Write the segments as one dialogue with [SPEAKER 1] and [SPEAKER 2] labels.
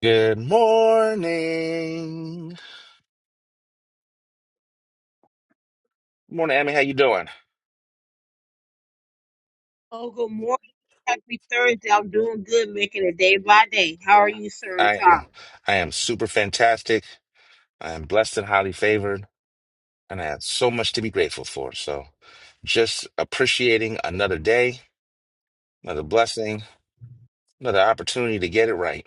[SPEAKER 1] Good morning. Morning, Amy. How you doing?
[SPEAKER 2] Oh, good morning. Happy Thursday. I'm doing good, making it day by day. How
[SPEAKER 1] Yeah,
[SPEAKER 2] are you, sir and
[SPEAKER 1] I am.
[SPEAKER 2] Tara?
[SPEAKER 1] I am super fantastic. I am blessed and highly favored, and I have so much to be grateful for. So, just appreciating another day, another blessing, another opportunity to get it right.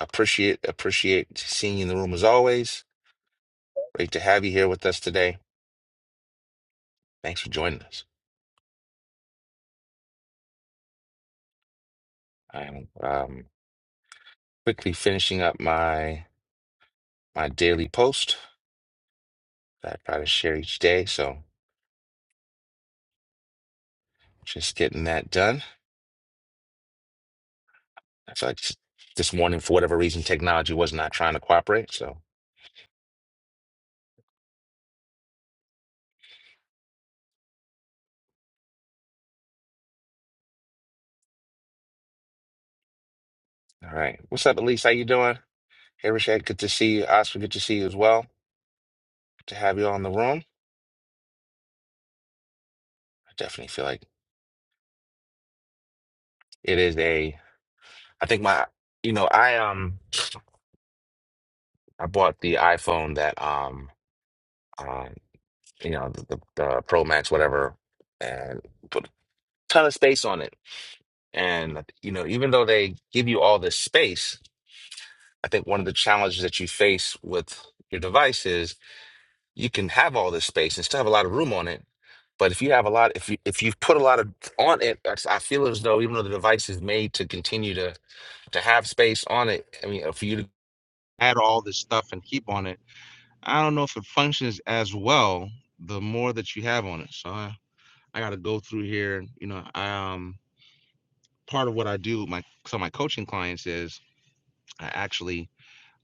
[SPEAKER 1] Appreciate, appreciate seeing you in the room as always. Great to have you here with us today. Thanks for joining us. I am um, quickly finishing up my my daily post that I try to share each day. So. Just getting that done. So I feel like this morning, for whatever reason, technology was not trying to cooperate. So, all right. What's up, Elise? How you doing? Hey, Rashad, good to see you. Oscar, good to see you as well. Good to have you all in the room. I definitely feel like it is a, I think my, you know, I, um, I bought the iPhone that, um, um, you know, the, the, the Pro Max, whatever, and put a ton of space on it. And, you know, even though they give you all this space, I think one of the challenges that you face with your devices you can have all this space and still have a lot of room on it. But if you have a lot, if you if you've put a lot of on it, that's- I feel as though even though the device is made to continue to to have space on it, I mean, uh, for you to add all this stuff and keep on it, I don't know if it functions as well the more that you have on it. So I, I got to go through here. You know, I, um, part of what I do, with my so my coaching clients is I actually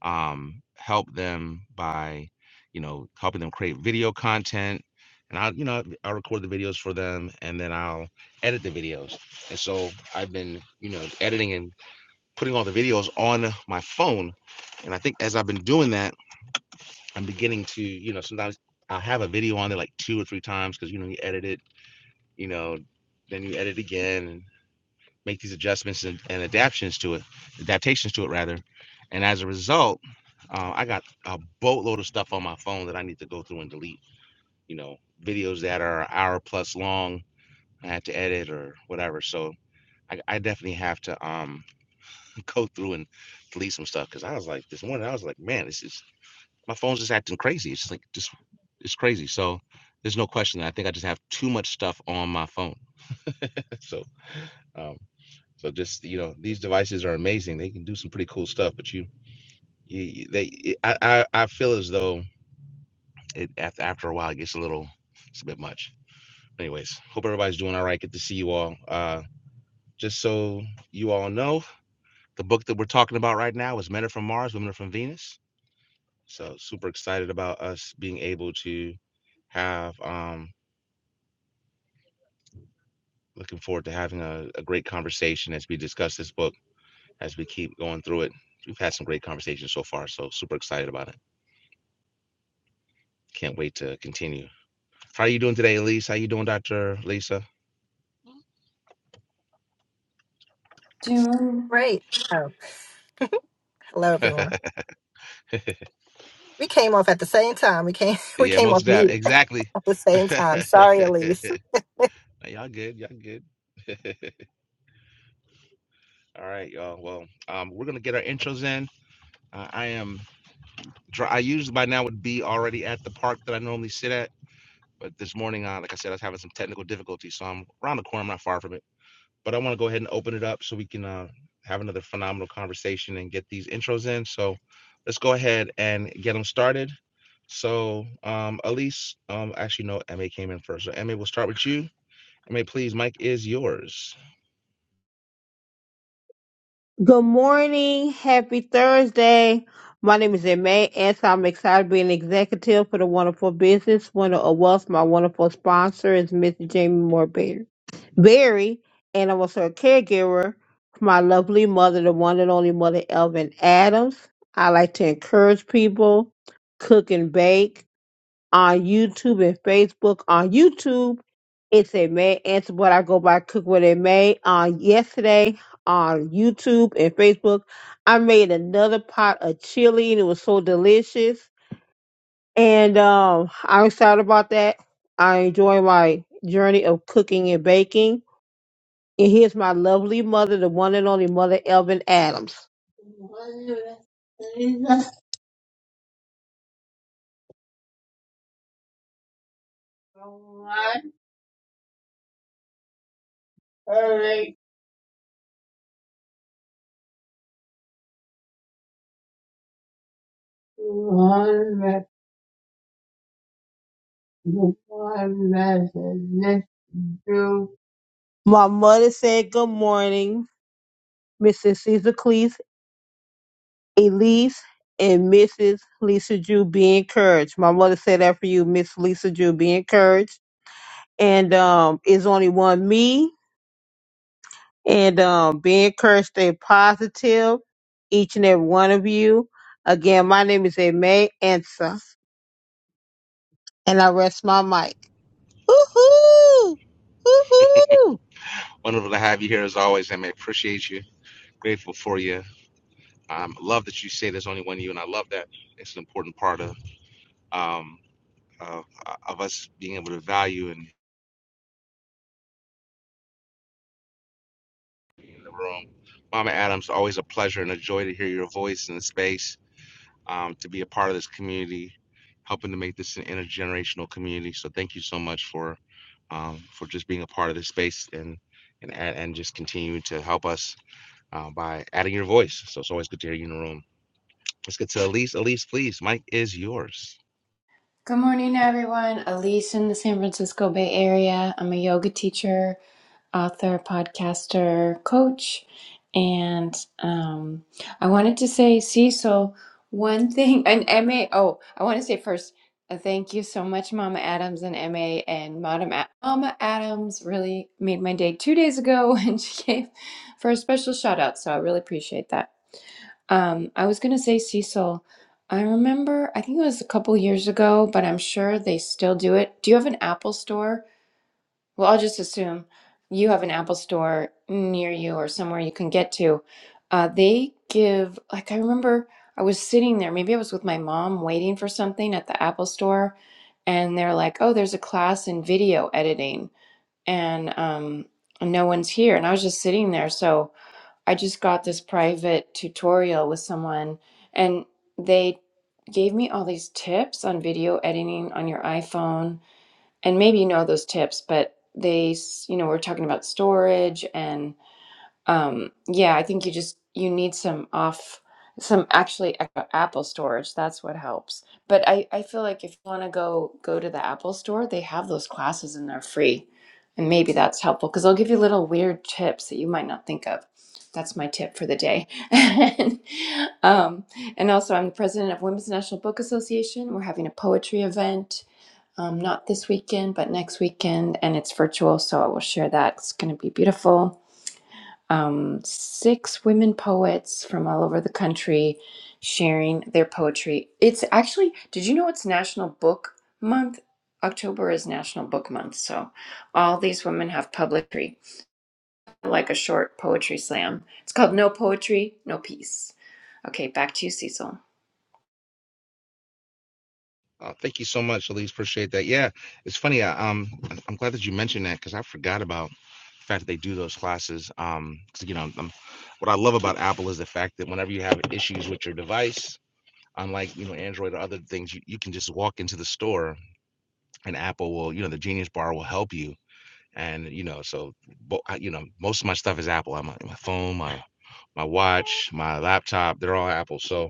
[SPEAKER 1] um, help them by, you know, helping them create video content. And I'll, you know, I'll record the videos for them and then I'll edit the videos. And so I've been, you know, editing and putting all the videos on my phone. And I think as I've been doing that, I'm beginning to, you know, sometimes I'll have a video on there like two or three times because, you know, you edit it, you know, then you edit again. And make these adjustments and, and adaptations to it, adaptations to it rather. And as a result, uh, I got a boatload of stuff on my phone that I need to go through and delete. You know, videos that are an hour plus long, I had to edit or whatever. So I, I definitely have to um go through and delete some stuff because I was like this morning I was like, man, this is my phone's just acting crazy. It's just like just it's crazy. So there's no question that I think I just have too much stuff on my phone. so um So just you know, these devices are amazing. They can do some pretty cool stuff, but you, you they, it- I, I, I feel as though it after after a while it gets a little, it's a bit much. Anyways, hope everybody's doing all right. Good to see you all. Uh, just so you all know, the book that we're talking about right now is Men Are From Mars, Women Are From Venus. So super excited about us being able to have. Um, looking forward to having a, a great conversation as we discuss this book as we keep going through it. We've had some great conversations so far, so super excited about it. Can't wait to continue. How are you doing today, Elise? How you doing, Dr. Lisa?
[SPEAKER 3] June.
[SPEAKER 4] Great. Oh, hello everyone. We came off at the same time. We came we
[SPEAKER 1] yeah,
[SPEAKER 4] came
[SPEAKER 1] most of
[SPEAKER 4] off
[SPEAKER 1] that.
[SPEAKER 4] mute
[SPEAKER 1] Exactly.
[SPEAKER 4] at the same time. Sorry, Elise.
[SPEAKER 1] Nah, y'all good. Y'all good. All right, y'all. Well, um, we're gonna get our intros in. Uh, I am. Dry, I usually by now would be already at the park that I normally sit at, but this morning, uh, like I said, I was having some technical difficulties, so I'm around the corner. I'm not far from it. but I want to go ahead and open it up so we can uh, have another phenomenal conversation and get these intros in. So let's go ahead and get them started. So um, Elise, um, actually no, Emma came in first. So Emma, we'll start with you. Emma, please, Mike is yours.
[SPEAKER 2] Good morning. Happy Thursday. My name is Emma, and so I'm excited to be an executive for the Wonderful Business Winner of Wealth. My wonderful sponsor is Mr. Jamie Moore Berry, Berry, and I'm also a caregiver for my lovely mother, the one and only mother, Elvin Adams. I like to encourage people, cook and bake on YouTube and Facebook. On YouTube, it's a May answer, but I go by Cook What It May. On yesterday, on YouTube and Facebook, I made another pot of chili and it was so delicious. And um, I'm excited about that. I enjoy my journey of cooking and baking. And here's my lovely mother, the one and only mother, Elvin Adams. Before Mother, let My mother said good morning, Mrs. Caesar Cleese, Elise, and Mrs. Lisa Jew. Be encouraged. My mother said that for you, Miss Lisa Jew. Be encouraged. And um, it's only one me. And um, be encouraged. Stay positive, each and every one of you. Again, my name is Aimee Ansa, and I rest my mic. Woohoo! Woohoo!
[SPEAKER 1] Wonderful to have you here as always, Emma, Appreciate you. Grateful for you. Um, love that you say there's only one you, and I love that. It's an important part of um, of, of us being able to value in, in the room. Mama Adams, always a pleasure and a joy to hear your voice in the space um, to be a part of this community, helping to make this an intergenerational community. So thank you so much for um, for just being a part of this space and and and just continuing to help us uh, by adding your voice. So it's always good to hear you in the room. Let's get to Elise. Elise, please, Mike is yours.
[SPEAKER 3] Good morning, everyone. Elise in the San Francisco Bay Area. I'm a yoga teacher author, podcaster, coach. And um, I wanted to say, Cecil, one thing, and MA, oh, I want to say first, uh, thank you so much, Mama Adams and MA and Madam A- Mama Adams really made my day two days ago when she gave for a special shout out. So I really appreciate that. Um, I was going to say, Cecil, I remember, I think it was a couple years ago, but I'm sure they still do it. Do you have an Apple store? Well, I'll just assume you have an Apple store near you or somewhere you can get to. Uh, they give, like, I remember I was sitting there, maybe I was with my mom waiting for something at the Apple store, and they're like, oh, there's a class in video editing, and um, no one's here. And I was just sitting there. So I just got this private tutorial with someone, and they gave me all these tips on video editing on your iPhone and maybe you know those tips, but they, s- you know, we're talking about storage and um, yeah, I think you just you need some off some actually a- Apple storage. That's what helps. But I I feel like if you want to go go to the Apple store, they have those classes and they're free. And maybe that's helpful because they'll give you little weird tips that you might not think of. That's my tip for the day. and, um, and also, I'm the president of Women's National Book Association. We're having a poetry event um, not this weekend, but next weekend, and it's virtual, so I will share that. It's going to be beautiful. Um, six women poets from all over the country sharing their poetry. It's actually, did you know it's National Book Month? October is National Book Month, so all these women have poetry, like a short poetry slam. It's called No Poetry, No Peace. Okay, back to you, Cecil.
[SPEAKER 1] Uh, thank you so much, Elise. Appreciate that. Yeah, it's funny. uh, Um, I'm glad that you mentioned that because I forgot about the fact that they do those classes. Um, you know, i what I love about Apple is the fact that whenever you have issues with your device, unlike you know android or other things you, you can just walk into the store and apple will you know the genius bar will help you and you know so bo- you know most of my stuff is apple I'm, my my phone my my watch, my laptop, they're all Apple. So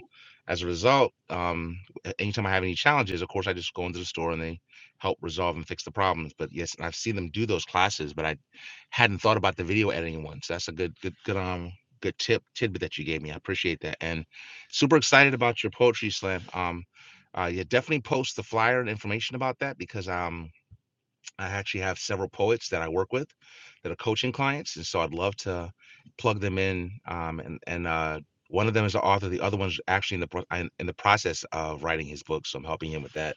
[SPEAKER 1] as a result, um, a- anytime I have any challenges, of course, I just go into the store and they help resolve and fix the problems. But yes, I've seen them do those classes, but I hadn't thought about the video editing one. So that's a good, good, good, um, good tip tidbit that you gave me. I appreciate that, and super excited about your poetry slam. Um, uh, yeah, definitely post the flyer and information about that because um, I actually have several poets that I work with that are coaching clients, and so I'd love to plug them in. Um, and and uh, one of them is the author. The other one's actually in the pro- in in the process of writing his book, so I'm helping him with that.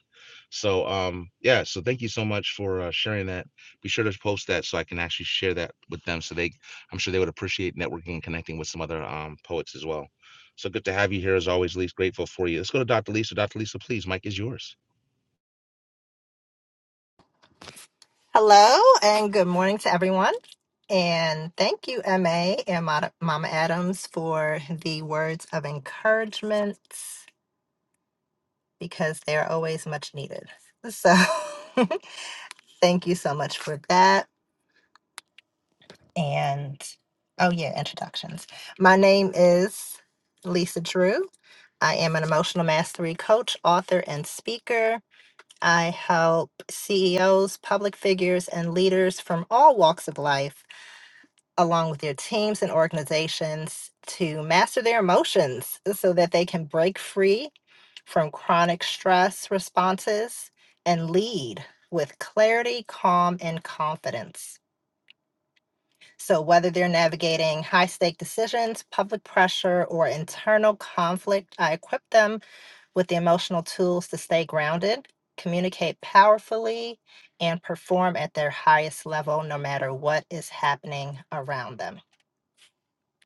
[SPEAKER 1] So um, yeah, so thank you so much for uh, sharing that. Be sure to post that so I can actually share that with them, so they I'm sure they would appreciate networking and connecting with some other um, poets as well. So good to have you here as always, Lise. Grateful for you. Let's go to Dr. Lisa. Dr. Lisa, please, Mike is yours.
[SPEAKER 4] Hello and good morning to everyone. And thank you, MA and Mod- Mama Adams, for the words of encouragement because they are always much needed. So thank you so much for that. and oh yeah, introductions. My name is Lisa Drew. I am an emotional mastery coach, author, and speaker. I help CEOs, public figures, and leaders from all walks of life, along with their teams and organizations, to master their emotions so that they can break free from chronic stress responses and lead with clarity, calm, and confidence. So, whether they're navigating high stake decisions, public pressure, or internal conflict, I equip them with the emotional tools to stay grounded, communicate powerfully, and perform at their highest level no matter what is happening around them.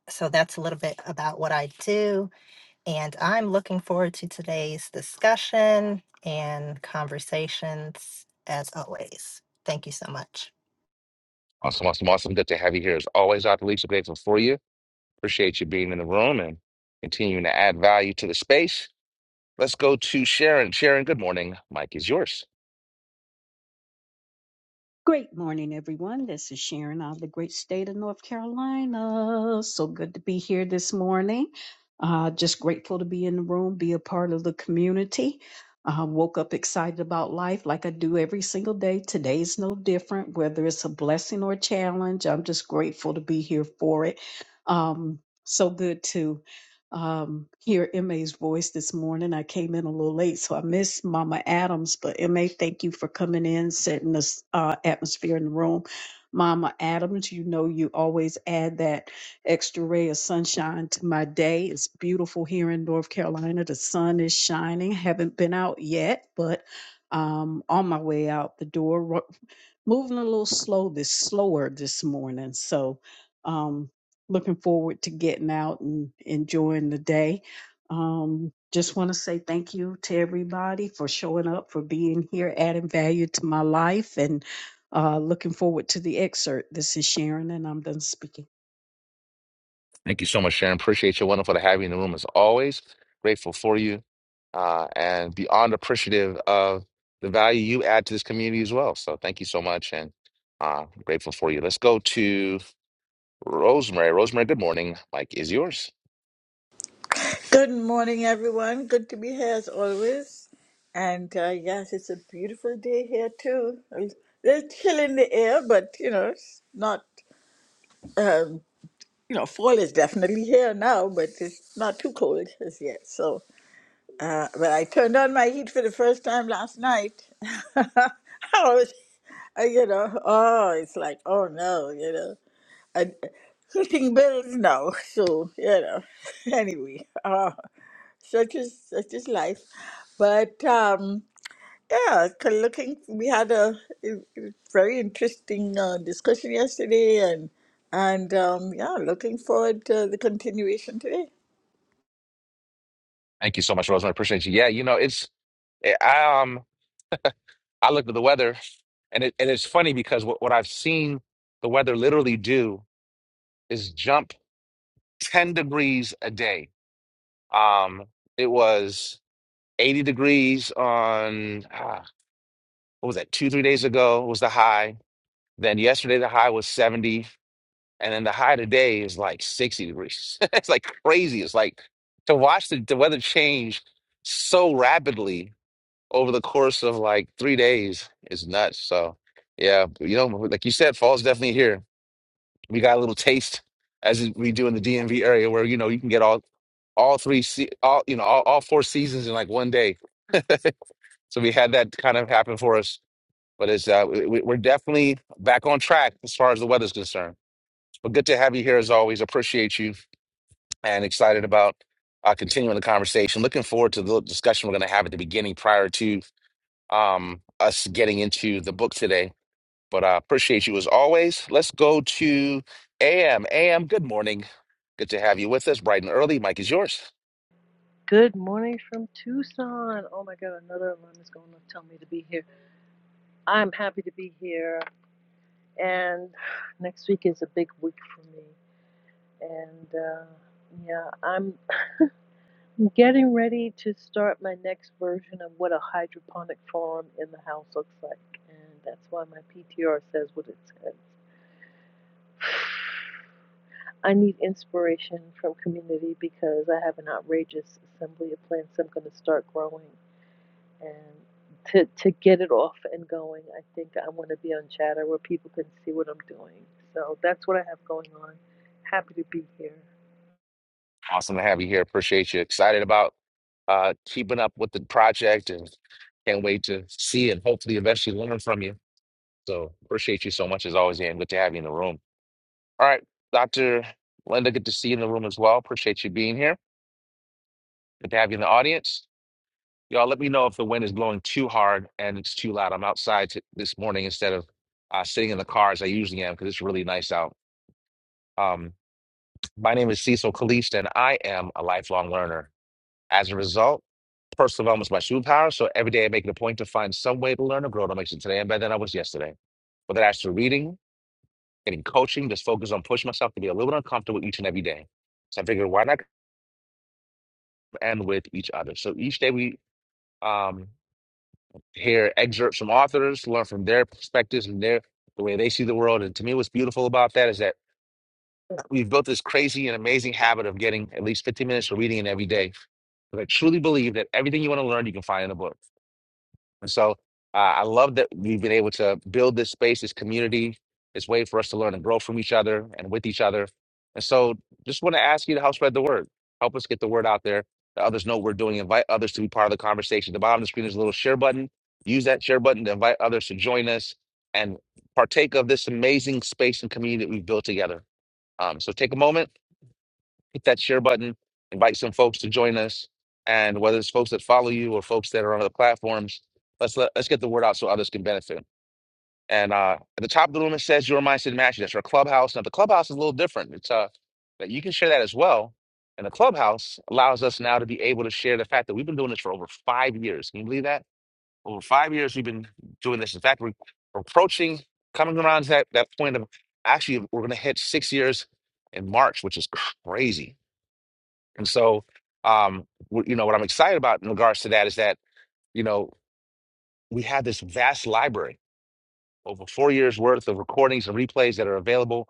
[SPEAKER 4] So, that's a little bit about what I do. And I'm looking forward to today's discussion and conversations as always. Thank you so much.
[SPEAKER 1] Awesome, awesome, awesome. Good to have you here as always, Dr. Lisa. Grateful for you. Appreciate you being in the room and continuing to add value to the space. Let's go to Sharon. Sharon, good morning. Mike is yours.
[SPEAKER 5] Great morning, everyone. This is Sharon out of the great state of North Carolina. So good to be here this morning. Uh, just grateful to be in the room, be a part of the community. Uh, woke up excited about life like I do every single day. Today's no different, whether it's a blessing or a challenge. I'm just grateful to be here for it. Um, so good to um, hear MA's voice this morning. I came in a little late, so I missed Mama Adams. But MA, thank you for coming in, setting this uh, atmosphere in the room. Mama Adams, you know you always add that extra ray of sunshine to my day. It's beautiful here in North Carolina. The sun is shining. Haven't been out yet, but um, on my way out the door, ro- moving a little slow this slower this morning. So. Um, looking forward to getting out and enjoying the day. Um, just want to say thank you to everybody for showing up, for being here, adding value to my life, and uh, looking forward to the excerpt. This is Sharon, and I'm done speaking.
[SPEAKER 1] Thank you so much, Sharon. Appreciate you. Wonderful to have you in the room as always. Grateful for you uh, and beyond appreciative of the value you add to this community as well. So thank you so much and uh, grateful for you. Let's go to Rosemary. Rosemary, good morning. Mike is yours.
[SPEAKER 6] Good morning, everyone. Good to be here as always. And uh, yes, it's a beautiful day here too. A little chill in the air, but you know, it's not. Um, you know, fall is definitely here now, but it's not too cold as yet. So, uh, but I turned on my heat for the first time last night. I was, I, you know, oh, it's like, oh no, you know, I, heating bills now. So, you know, anyway. uh, such is such is life. But um, yeah, c- looking, we had a, a- a very interesting uh, discussion yesterday, and and um, yeah, looking forward to the continuation today.
[SPEAKER 1] Thank you so much, Rosemary. Appreciate you. Yeah, you know, it's. eh, I um I looked at the weather, and it and it's funny because what, what I've seen the weather literally do is jump 10 degrees a day. Um, it was 80 degrees on ah, what was that, two, three days ago was the high. Then yesterday the high was 70, and then the high today is like 60 degrees. It's like crazy. It's like to watch the, the weather change so rapidly over the course of like three days is nuts. So yeah, you know, like you said, fall's definitely here. We got a little taste as we do in the DMV area where, you know, you can get all all three se- all you know all, all four seasons in like one day so we had that kind of happen for us but it's uh we, we- we're definitely back on track as far as the weather's concerned but good to have you here as always appreciate you and excited about uh continuing the conversation looking forward to the discussion we're going to have at the beginning prior to um us getting into the book today but I appreciate you as always. Let's go to AM. AM, good morning. Good to have you with us bright and early. Mike is yours.
[SPEAKER 7] Good morning from Tucson. Oh my God, another alarm is going to tell me to be here. I'm happy to be here, and next week is a big week for me. And uh, yeah, I'm getting ready to start my next version of what a hydroponic farm in the house looks like, and that's why my PTR says what it says. I need inspiration from community because I have an outrageous assembly of plants I'm going to start growing. and to to get it off and going, I think I want to be on chatter where people can see what I'm doing. So that's what I have going on. Happy to be here.
[SPEAKER 1] Awesome to have you here. Appreciate you. Excited about uh, keeping up with the project and can't wait to see and hopefully eventually learn from you. So appreciate you so much as always, AM. Good to have you in the room. All right, Dr. Linda, good to see you in the room as well. Appreciate you being here. Good to have you in the audience. Y'all let me know if the wind is blowing too hard and it's too loud. I'm outside t this morning instead of uh, sitting in the car as I usually am because it's really nice out. Um, my name is Cecil Caliste and I am a lifelong learner. As a result, personal development is my superpower. So every day I make it a point to find some way to learn or grow to make sure today I'm better than I was yesterday. Whether that's through reading, getting coaching, just focus on pushing myself to be a little bit uncomfortable each and every day. So I figured why not end with each other? So each day we um, hear excerpts from authors, learn from their perspectives and their the way they see the world. And to me, what's beautiful about that is that we've built this crazy and amazing habit of getting at least 15 minutes of reading in every day. But I truly believe that everything you want to learn, you can find in a book. And so uh, I love that we've been able to build this space, this community, this way for us to learn and grow from each other and with each other. And so just want to ask you to help spread the word. Help us get the word out there. Let others know what we're doing. Invite others to be part of the conversation. The bottom of the screen is a little share button. Use that share button to invite others to join us and partake of this amazing space and community that we've built together. Um, so take a moment hit that share button, invite some folks to join us. And whether it's folks that follow you or folks that are on other platforms, let's let, let's get the word out so others can benefit. And uh, at the top of the room, it says your mindset matches. That's our clubhouse. Now the clubhouse is a little different. It's uh that you can share that as well. And the clubhouse allows us now to be able to share the fact that we've been doing this for over five years. Can you believe that? Over five years, we've been doing this. In fact, we're approaching, coming around to that, that point of actually, we're going to hit six years in March, which is crazy and so, um, w- you know, what I'm excited about in regards to that is that, you know, we have this vast library, over four years worth of recordings and replays that are available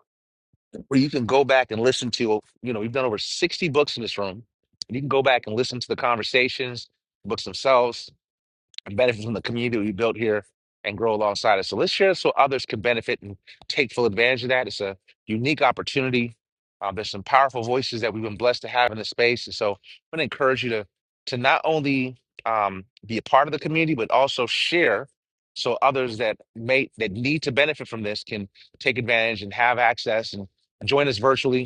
[SPEAKER 1] where you can go back and listen to, you know, we've done over 60 books in this room. And you can go back and listen to the conversations, books themselves and benefit from the community we built here and grow alongside us. So let's share so others can benefit and take full advantage of that. It's a unique opportunity. Uh, there's some powerful voices that we've been blessed to have in the space. And so I'm going to encourage you to, to not only um, be a part of the community, but also share so others that may that need to benefit from this can take advantage and have access and join us virtually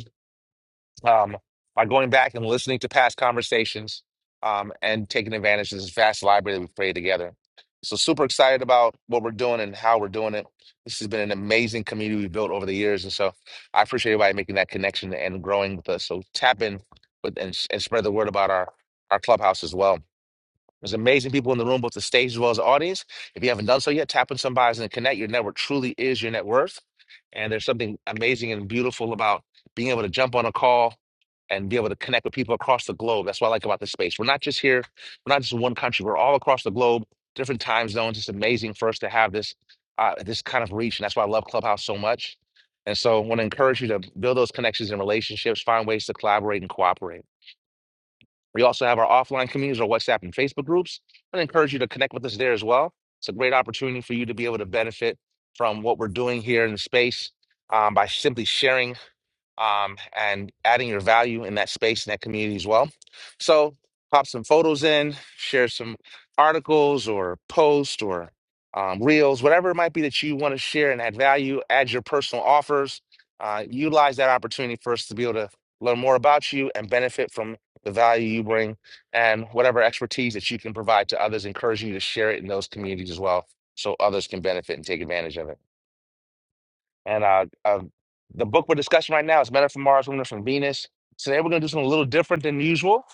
[SPEAKER 1] um, by going back and listening to past conversations um, and taking advantage of this vast library that we've created together. So, super excited about what we're doing and how we're doing it. This has been an amazing community we've built over the years. And so, I appreciate everybody making that connection and growing with us. So, tap in with, and, and spread the word about our, our clubhouse as well. There's amazing people in the room, both the stage as well as the audience. If you haven't done so yet, tap on some bios and connect. Your network truly is your net worth. And there's something amazing and beautiful about being able to jump on a call and be able to connect with people across the globe. That's what I like about this space. We're not just here, we're not just in one country, we're all across the globe, different time zones. It's amazing for us to have this uh, this kind of reach. And that's why I love Clubhouse so much. And so I want to encourage you to build those connections and relationships, find ways to collaborate and cooperate. We also have our offline communities, our WhatsApp and Facebook groups. i encourage you to connect with us there as well. It's a great opportunity for you to be able to benefit from what we're doing here in the space um, by simply sharing um, and adding your value in that space in that community as well. So pop some photos in, share some articles or posts or um, reels, whatever it might be that you want to share and add value, add your personal offers, uh, utilize that opportunity for us to be able to learn more about you and benefit from the value you bring and whatever expertise that you can provide to others, encouraging you to share it in those communities as well so others can benefit and take advantage of it. And uh, uh, the book we're discussing right now is Men Are from Mars, Women Are from Venus. So Today we're going to do something a little different than usual.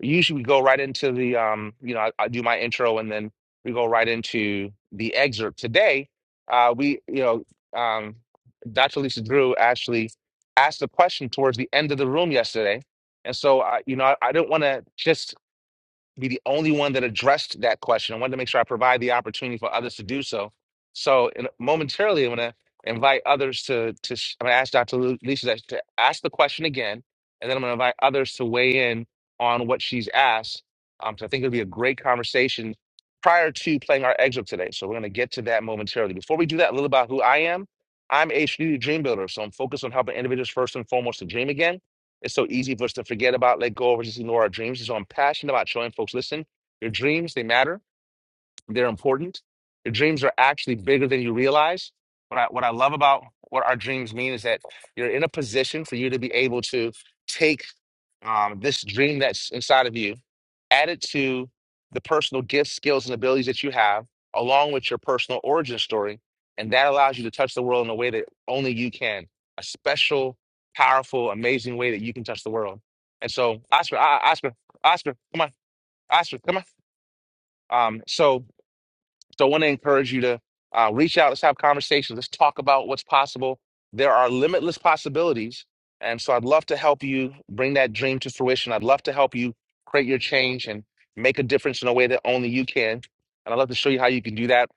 [SPEAKER 1] Usually we go right into the, um, you know, I, I do my intro and then we go right into the excerpt. Today, uh, we, you know, um, Dr. Lisa Drew actually asked the question towards the end of the room yesterday. And so, uh, you know, I, I didn't want to just be the only one that addressed that question. I wanted to make sure I provide the opportunity for others to do so. So in, momentarily, I'm going to invite others to, to sh- I'm going to ask Dr. Lu- Lisa that- to ask the question again, and then I'm going to invite others to weigh in on what she's asked. Um, so I think it'll be a great conversation prior to playing our excerpt today. So we're going to get to that momentarily. Before we do that, a little about who I am. I'm a strategic dream builder, so I'm focused on helping individuals first and foremost to dream again. It's so easy for us to forget about, let go, of, or just ignore our dreams. So I'm passionate about showing folks listen, your dreams, they matter, they're important. Your dreams are actually bigger than you realize. What I, what I love about what our dreams mean is that you're in a position for you to be able to take um, this dream that's inside of you, add it to the personal gifts, skills, and abilities that you have, along with your personal origin story. And that allows you to touch the world in a way that only you can a special, powerful, amazing way that you can touch the world. And so, Oscar, ah, Oscar, Oscar, come on, Oscar, come on. Um, so, so I want to encourage you to uh, reach out. Let's have conversations. Let's talk about what's possible. There are limitless possibilities. And so I'd love to help you bring that dream to fruition. I'd love to help you create your change and make a difference in a way that only you can. And I'd love to show you how you can do that.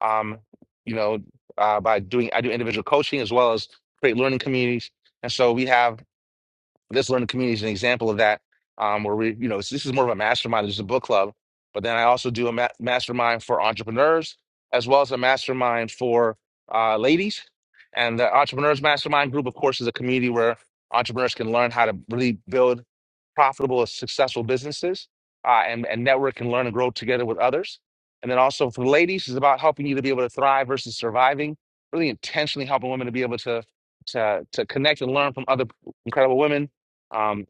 [SPEAKER 1] Um, you know, uh, by doing, I do individual coaching as well as create learning communities. And so we have this learning community is an example of that, um, where we, you know, this is more of a mastermind, just a book club. But then I also do a ma- mastermind for entrepreneurs, as well as a mastermind for uh, ladies. And the entrepreneurs mastermind group, of course, is a community where entrepreneurs can learn how to really build profitable, successful businesses uh, and, and network and learn and grow together with others. And then also for ladies, is about helping you to be able to thrive versus surviving, really intentionally helping women to be able to, to, to connect and learn from other incredible women um,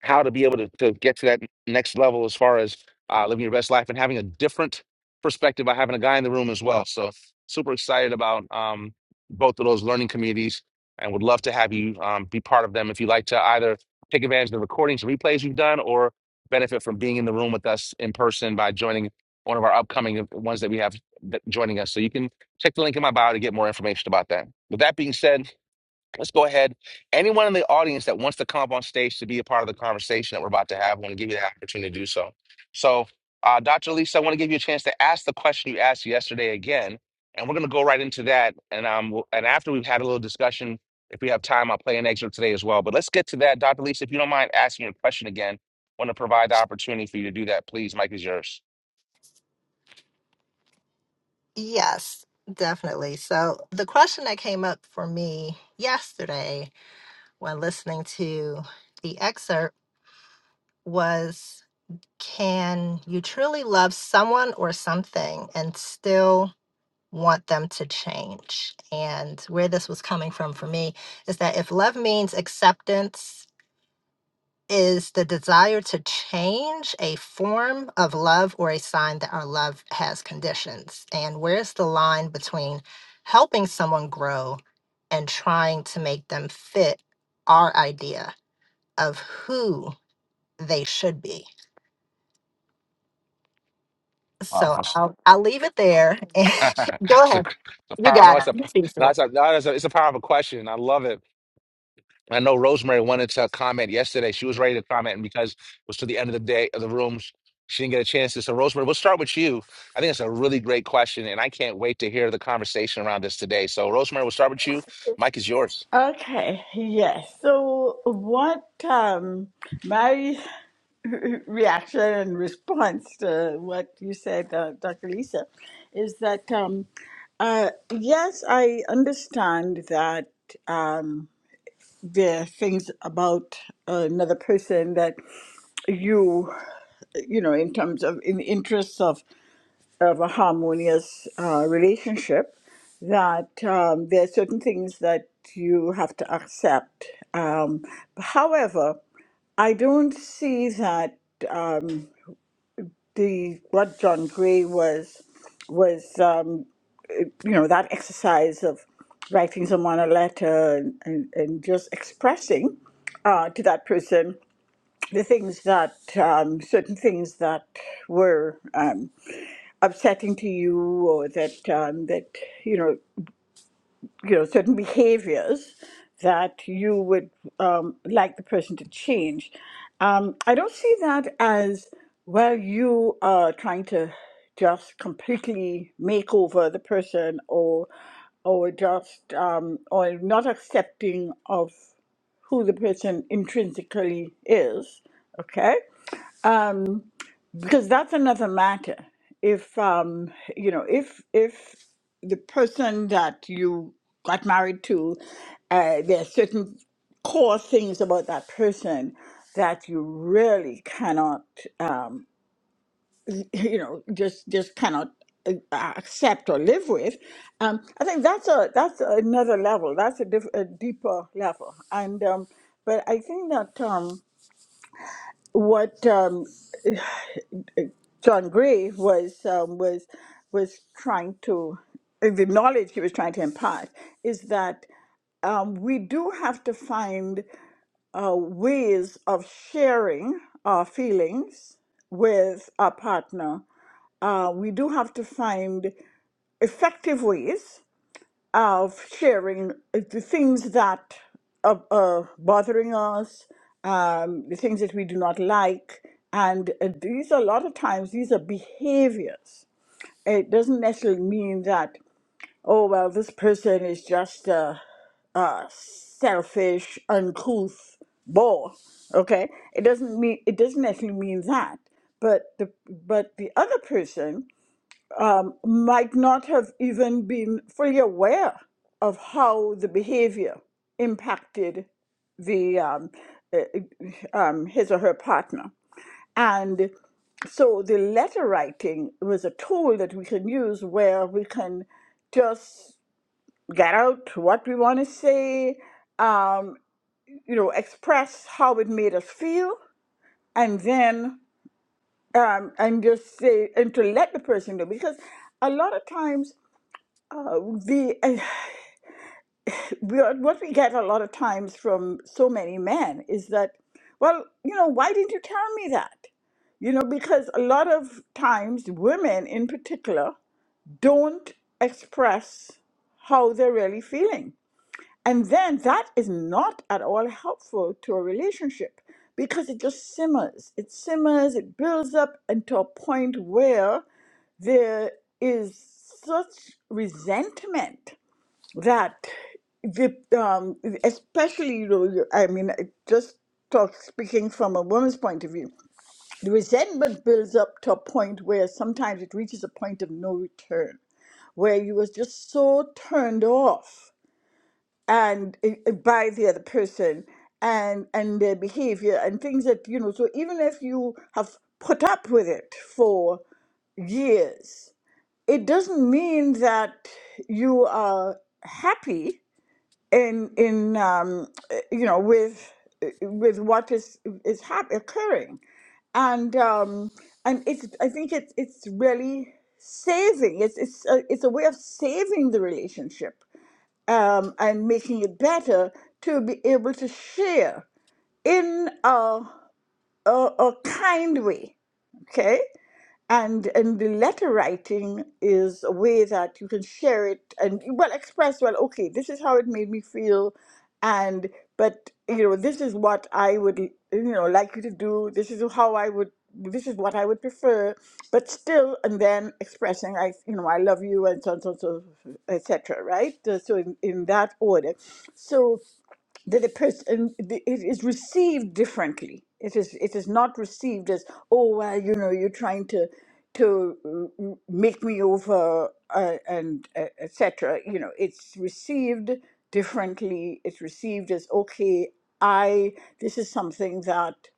[SPEAKER 1] how to be able to, to get to that next level as far as uh, living your best life and having a different perspective by having a guy in the room as well. So super excited about um, both of those learning communities and would love to have you um, be part of them if you'd like to either take advantage of the recordings and replays you've done or benefit from being in the room with us in person by joining one of our upcoming ones that we have that- joining us. So you can check the link in my bio to get more information about that. With that being said, Let's go ahead. Anyone in the audience that wants to come up on stage to be a part of the conversation that we're about to have, I want to give you the opportunity to do so. So, uh, Dr. Lisa, I want to give you a chance to ask the question you asked yesterday again, and we're going to go right into that. And um, we'll- and after we've had a little discussion, if we have time, I'll play an excerpt today as well. But let's get to that, Dr. Lisa. If you don't mind asking your question again, want to provide the opportunity for you to do that, please. Mike is yours.
[SPEAKER 4] Yes, definitely. So, the question that came up for me yesterday when listening to the excerpt was Can you truly love someone or something and still want them to change? And where this was coming from for me is that if love means acceptance, is the desire to change a form of love or a sign that our love has conditions? And where's the line between helping someone grow and trying to make them fit our idea of who they should be?
[SPEAKER 1] Oh,
[SPEAKER 4] So
[SPEAKER 1] for sure.
[SPEAKER 4] I'll, I'll leave it there. And go
[SPEAKER 1] it's a, it's
[SPEAKER 4] ahead.
[SPEAKER 1] a
[SPEAKER 4] You
[SPEAKER 1] power, no,
[SPEAKER 4] got
[SPEAKER 1] it's
[SPEAKER 4] it.
[SPEAKER 1] a,
[SPEAKER 4] You think
[SPEAKER 1] no,
[SPEAKER 4] so.
[SPEAKER 1] it's a, no, it's a, it's a powerful question. I love it. I know Rosemary wanted to comment yesterday. She was ready to comment, and because it was to the end of the day of the rooms, she didn't get a chance to. So, Rosemary, we'll start with you. I think it's a really great question, and I can't wait to hear the conversation around this today. So, Rosemary, we'll start with you. Mike is yours.
[SPEAKER 6] Okay, yes. So, what um, my reaction and response to what you said, uh, Dr. Lisa, is that um, uh, yes, I understand that. Um, there are things about another person that you you know in terms of in the interests of of a harmonious uh, relationship that um, there are certain things that you have to accept um, however i don't see that um, the what john gray was was um, you know, that exercise of writing someone a letter and, and, and just expressing uh, to that person the things that, um, certain things that were um, upsetting to you or that, um, that, you know, you know certain behaviors that you would um, like the person to change. Um, I don't see that as well. You are trying to just completely make over the person, or or just um, or not accepting of who the person intrinsically is. Okay. Um, because that's another matter. If um, you know, if if the person that you got married to, uh, there are certain core things about that person that you really cannot, um, you know, just just cannot uh, accept or live with. Um, I think that's a that's another level. That's a, diff- a deeper level. And um, but I think that um, what um, John Gray was um, was was trying to uh, the knowledge he was trying to impart is that um, we do have to find uh, ways of sharing our feelings with our partner. Uh, we do have to find effective ways of sharing the things that are, are bothering us, um, the things that we do not like, and uh, these a lot of times these are behaviors it doesn't necessarily mean that, oh, well, this person is just a, a selfish, uncouth bore. Okay? It doesn't mean it doesn't necessarily mean that. But the but the other person might not have even been fully aware of how the behavior impacted the um, uh, um, his or her partner. And so the letter writing was a tool that we can use where we can just get out what we want to say, um, you know, express how it made us feel, and then um, and just say and to let the person know because a lot of times uh, the uh, we are, what we get a lot of times from so many men is that well you know why didn't you tell me that you know because a lot of times women in particular don't express how they're really feeling. And then that is not at all helpful to a relationship because it just simmers. It simmers, it builds up into a point where there is such resentment that the um, especially you know you- I mean I just talk speaking from a woman's point of view, the resentment builds up to a point where sometimes it reaches a point of no return where you was just so turned off and uh, by the other person and and their behavior and things that you know so even if you have put up with it for years it doesn't mean that you are happy in in um, eh, you know with eh, with what is is hap- occurring and um, and it's I think it's it's really saving it's it's a, it's a way of saving the relationship um, and making it better to be able to share in a a, a kind way okay and and the letter writing is a way that you can share it and well express well okay this is how it made me feel and but you know this is what i would you know like you to do this is how i would this is what i would prefer but still and then expressing i you know i love you and so on so on, so etc right Uh, so in, in that order so that the person it is received differently. It is it is not received as oh well you know you're trying to to mm, make me over uh, and uh, etc. You know it's received differently. It's received as okay I this is something that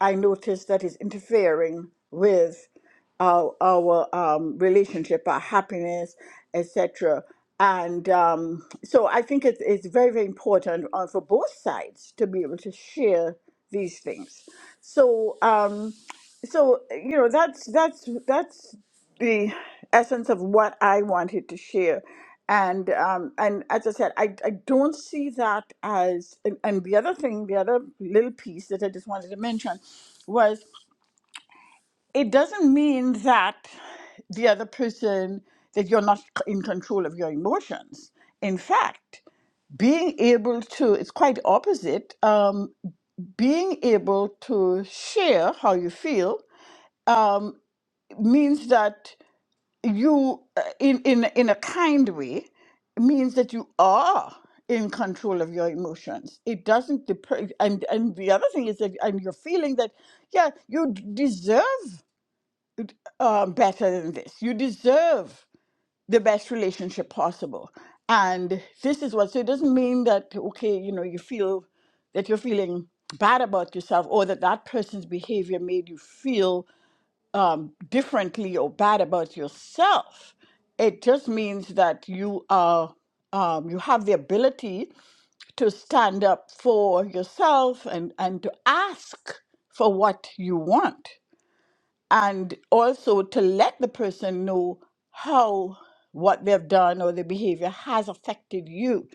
[SPEAKER 6] I notice that is interfering with our, our um, relationship, our happiness, etc. And um, so I think it's, it's very, very important uh, for both sides to be able to share these things. So, um, so you know that's that's that's the essence of what i wanted to share and um and as i said i i don't see that as and, and the other thing the other little piece that i just wanted to mention was it doesn't mean that the other person that you're not c- in control of your emotions in fact being able to it's quite opposite um being able to share how you feel um, means that you uh, in in in a kind way means that you are in control of your emotions it doesn't dep- and and the other thing is that and you're feeling that yeah you d- deserve uh, better than this you deserve the best relationship possible and this is what so it doesn't mean that okay you know you feel that you're feeling bad about yourself or that that person's behavior made you feel um, differently or bad about yourself. It just means that you are um, you have the ability to stand up for yourself and and to ask for what you want, and also to let the person know how what they've done or their behavior has affected you.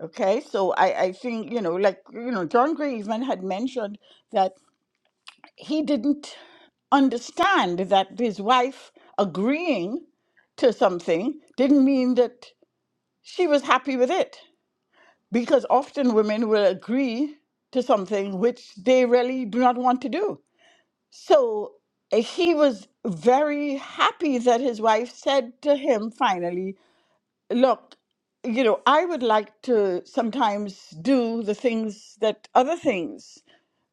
[SPEAKER 6] Okay, so I I think you know like you know John Gray even had mentioned that he didn't understand that his wife agreeing to something didn't mean that she was happy with it. Because often women will agree to something which they really do not want to do. So uh, he was very happy that his wife said to him finally, Look, you know, I would like to sometimes do the things that other things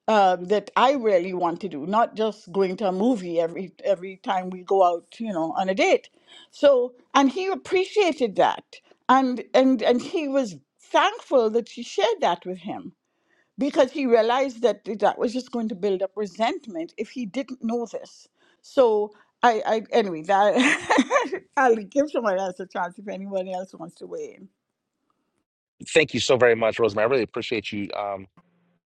[SPEAKER 6] um, that I really want to do, not just going to a movie every every time we go out, you know, on a date. So, and he appreciated that, and and and he was thankful that she shared that with him because he realized that that was just going to build up resentment if he didn't know this. So. I, I anyway that I'll give someone else a chance if anyone else wants to weigh in.
[SPEAKER 1] Thank you so very much, Rosemary. I really appreciate you um,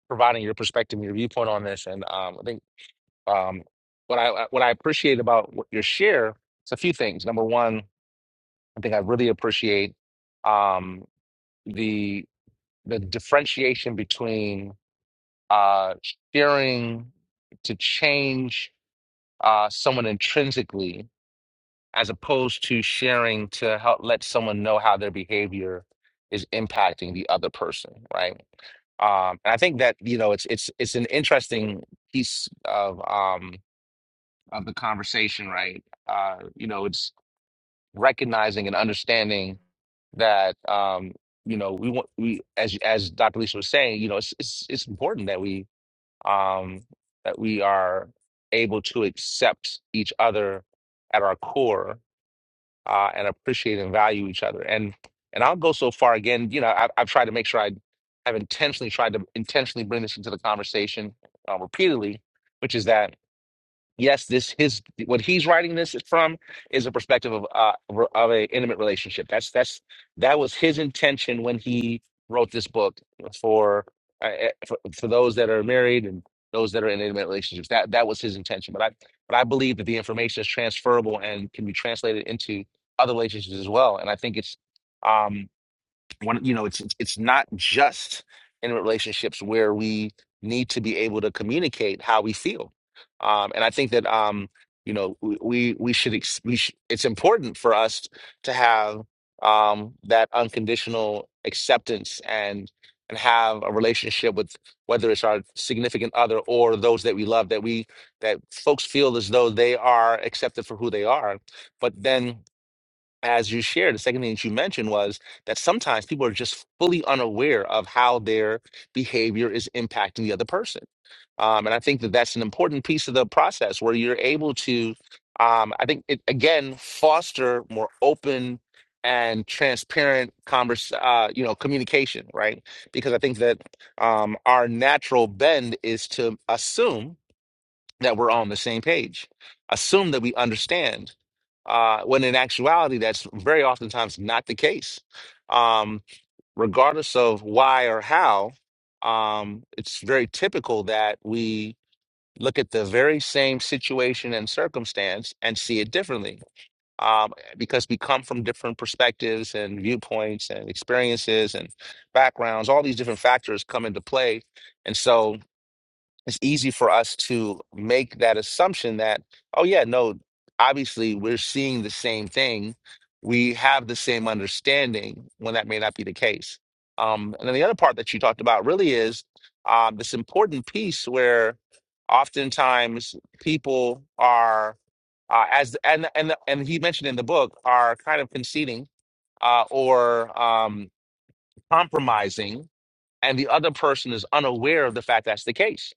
[SPEAKER 1] providing your perspective and your viewpoint on this. And um, I think um, what I what I appreciate about what your share is a few things. Number one, I think I really appreciate um, the the differentiation between uh, sharing to change uh, someone intrinsically as opposed to sharing to help let someone know how their behavior is impacting the other person right um, and i think that you know it's it's it's an interesting piece of um of the conversation right uh you know it's recognizing and understanding that um you know we want we as as dr lisa was saying you know it's it's, it's important that we um, that we are able to accept each other at our core uh, and appreciate and value each other. And and I'll go so far again. You know, I've, I've tried to make sure I have intentionally tried to intentionally bring this into the conversation uh, repeatedly, which is that yes, this his what he's writing this is from is a perspective of uh, re- of a intimate relationship. That's that's that was his intention when he wrote this book for uh, eh, for, for those that are married and those that are in intimate relationships. That that was his intention. But I but I believe that the information is transferable and can be translated into other relationships as well. And I think it's. um one you know it's it's it's not just in relationships where we need to be able to communicate how we feel um and i think that um you know we we we should ex- we sh- it's important for us to have um that unconditional acceptance and and have a relationship with whether it's our significant other or those that we love that we that folks feel as though they are accepted for who they are but then as you shared, the second thing that you mentioned was that sometimes people are just fully unaware of how their behavior is impacting the other person. Um, and I think that that's an important piece of the process where you're able to, um, I think, it, again, foster more open and transparent converse, uh, you know, communication, right? Because I think that um, our natural bend is to assume that we're on the same page, assume that we understand, uh, when in actuality, that's very oftentimes not the case. Um, regardless of why or how, um, it's very typical that we look at the very same situation and circumstance and see it differently. Um, because we come from different perspectives and viewpoints and experiences and backgrounds, all these different factors come into play. And so, it's easy for us to make that assumption that, oh, yeah, no, obviously we're seeing the same thing. We have the same understanding when that may not be the case. Um, and then the other part that you talked about really is um, this important piece where oftentimes people are, uh, as and and and he mentioned in the book, are kind of conceding uh, or um, compromising, and the other person is unaware of the fact that's the case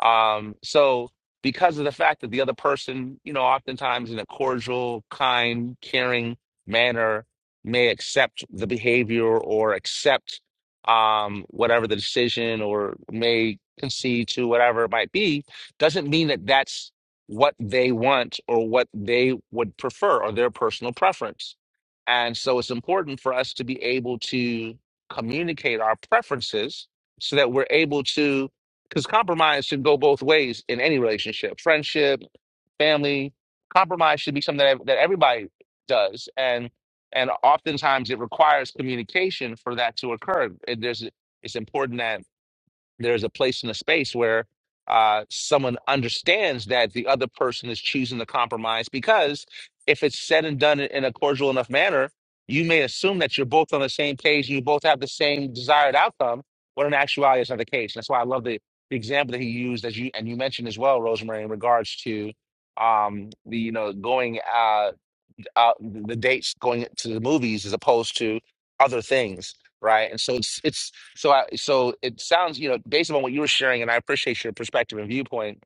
[SPEAKER 1] um, so because of the fact that the other person, you know, oftentimes in a cordial, kind, caring manner may accept the behavior or accept um, whatever the decision or may concede to whatever it might be, doesn't mean that that's what they want or what they would prefer or their personal preference. And so it's important for us to be able to communicate our preferences so that we're able to because compromise should go both ways in any relationship, friendship, family. Compromise should be something that, that everybody does, and and oftentimes it requires communication for that to occur. And there's it's important that there's a place and a space where uh, someone understands that the other person is choosing to compromise because if it's said and done in a cordial enough manner, you may assume that you're both on the same page and you both have the same desired outcome, when in actuality, it's not the case. That's why I love the, the example that he used, as you and you mentioned as well, Rosemary, in regards to um, the you know going. uh, uh, the dates going to the movies as opposed to other things, right? And so it's it's so I, so it sounds you know based on what you were sharing, and I appreciate your perspective and viewpoint.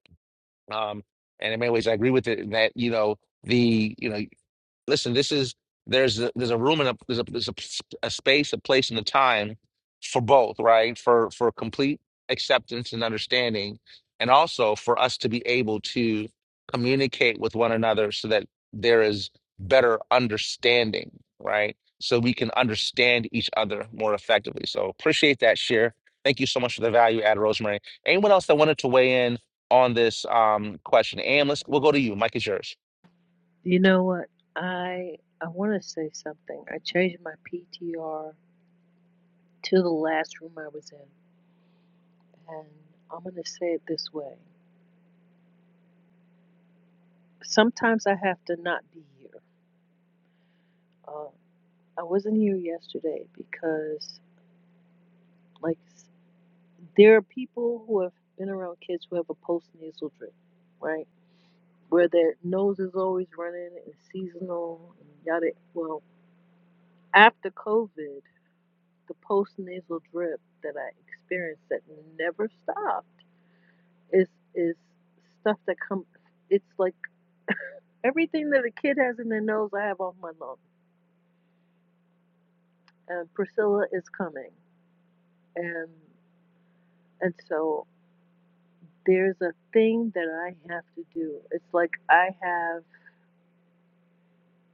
[SPEAKER 1] Um, and in many ways, I agree with it in that you know the you know listen this is there's a, there's a room and a there's a there's a a space a place and a time for both right for for complete acceptance and understanding and also for us to be able to communicate with one another so that there is better understanding right so we can understand each other more effectively so appreciate that share thank you so much for the value add rosemary anyone else that wanted to weigh in on this um question am let's we'll go to you mike is yours
[SPEAKER 7] You know what? I I want to say something. I changed my PTR to the last room I was in, and I'm gonna say it this way. Sometimes I have to not be here. Uh, I wasn't here yesterday because like there are people who have been around kids who have a postnasal drip, right? where their nose is always running and seasonal and yada. Well, after COVID, the post nasal drip that I experienced that never stopped is is stuff that comes. It's like everything that a kid has in their nose, I have on my lung. And Priscilla is coming, and and so there's a thing that I have to do. It's like I have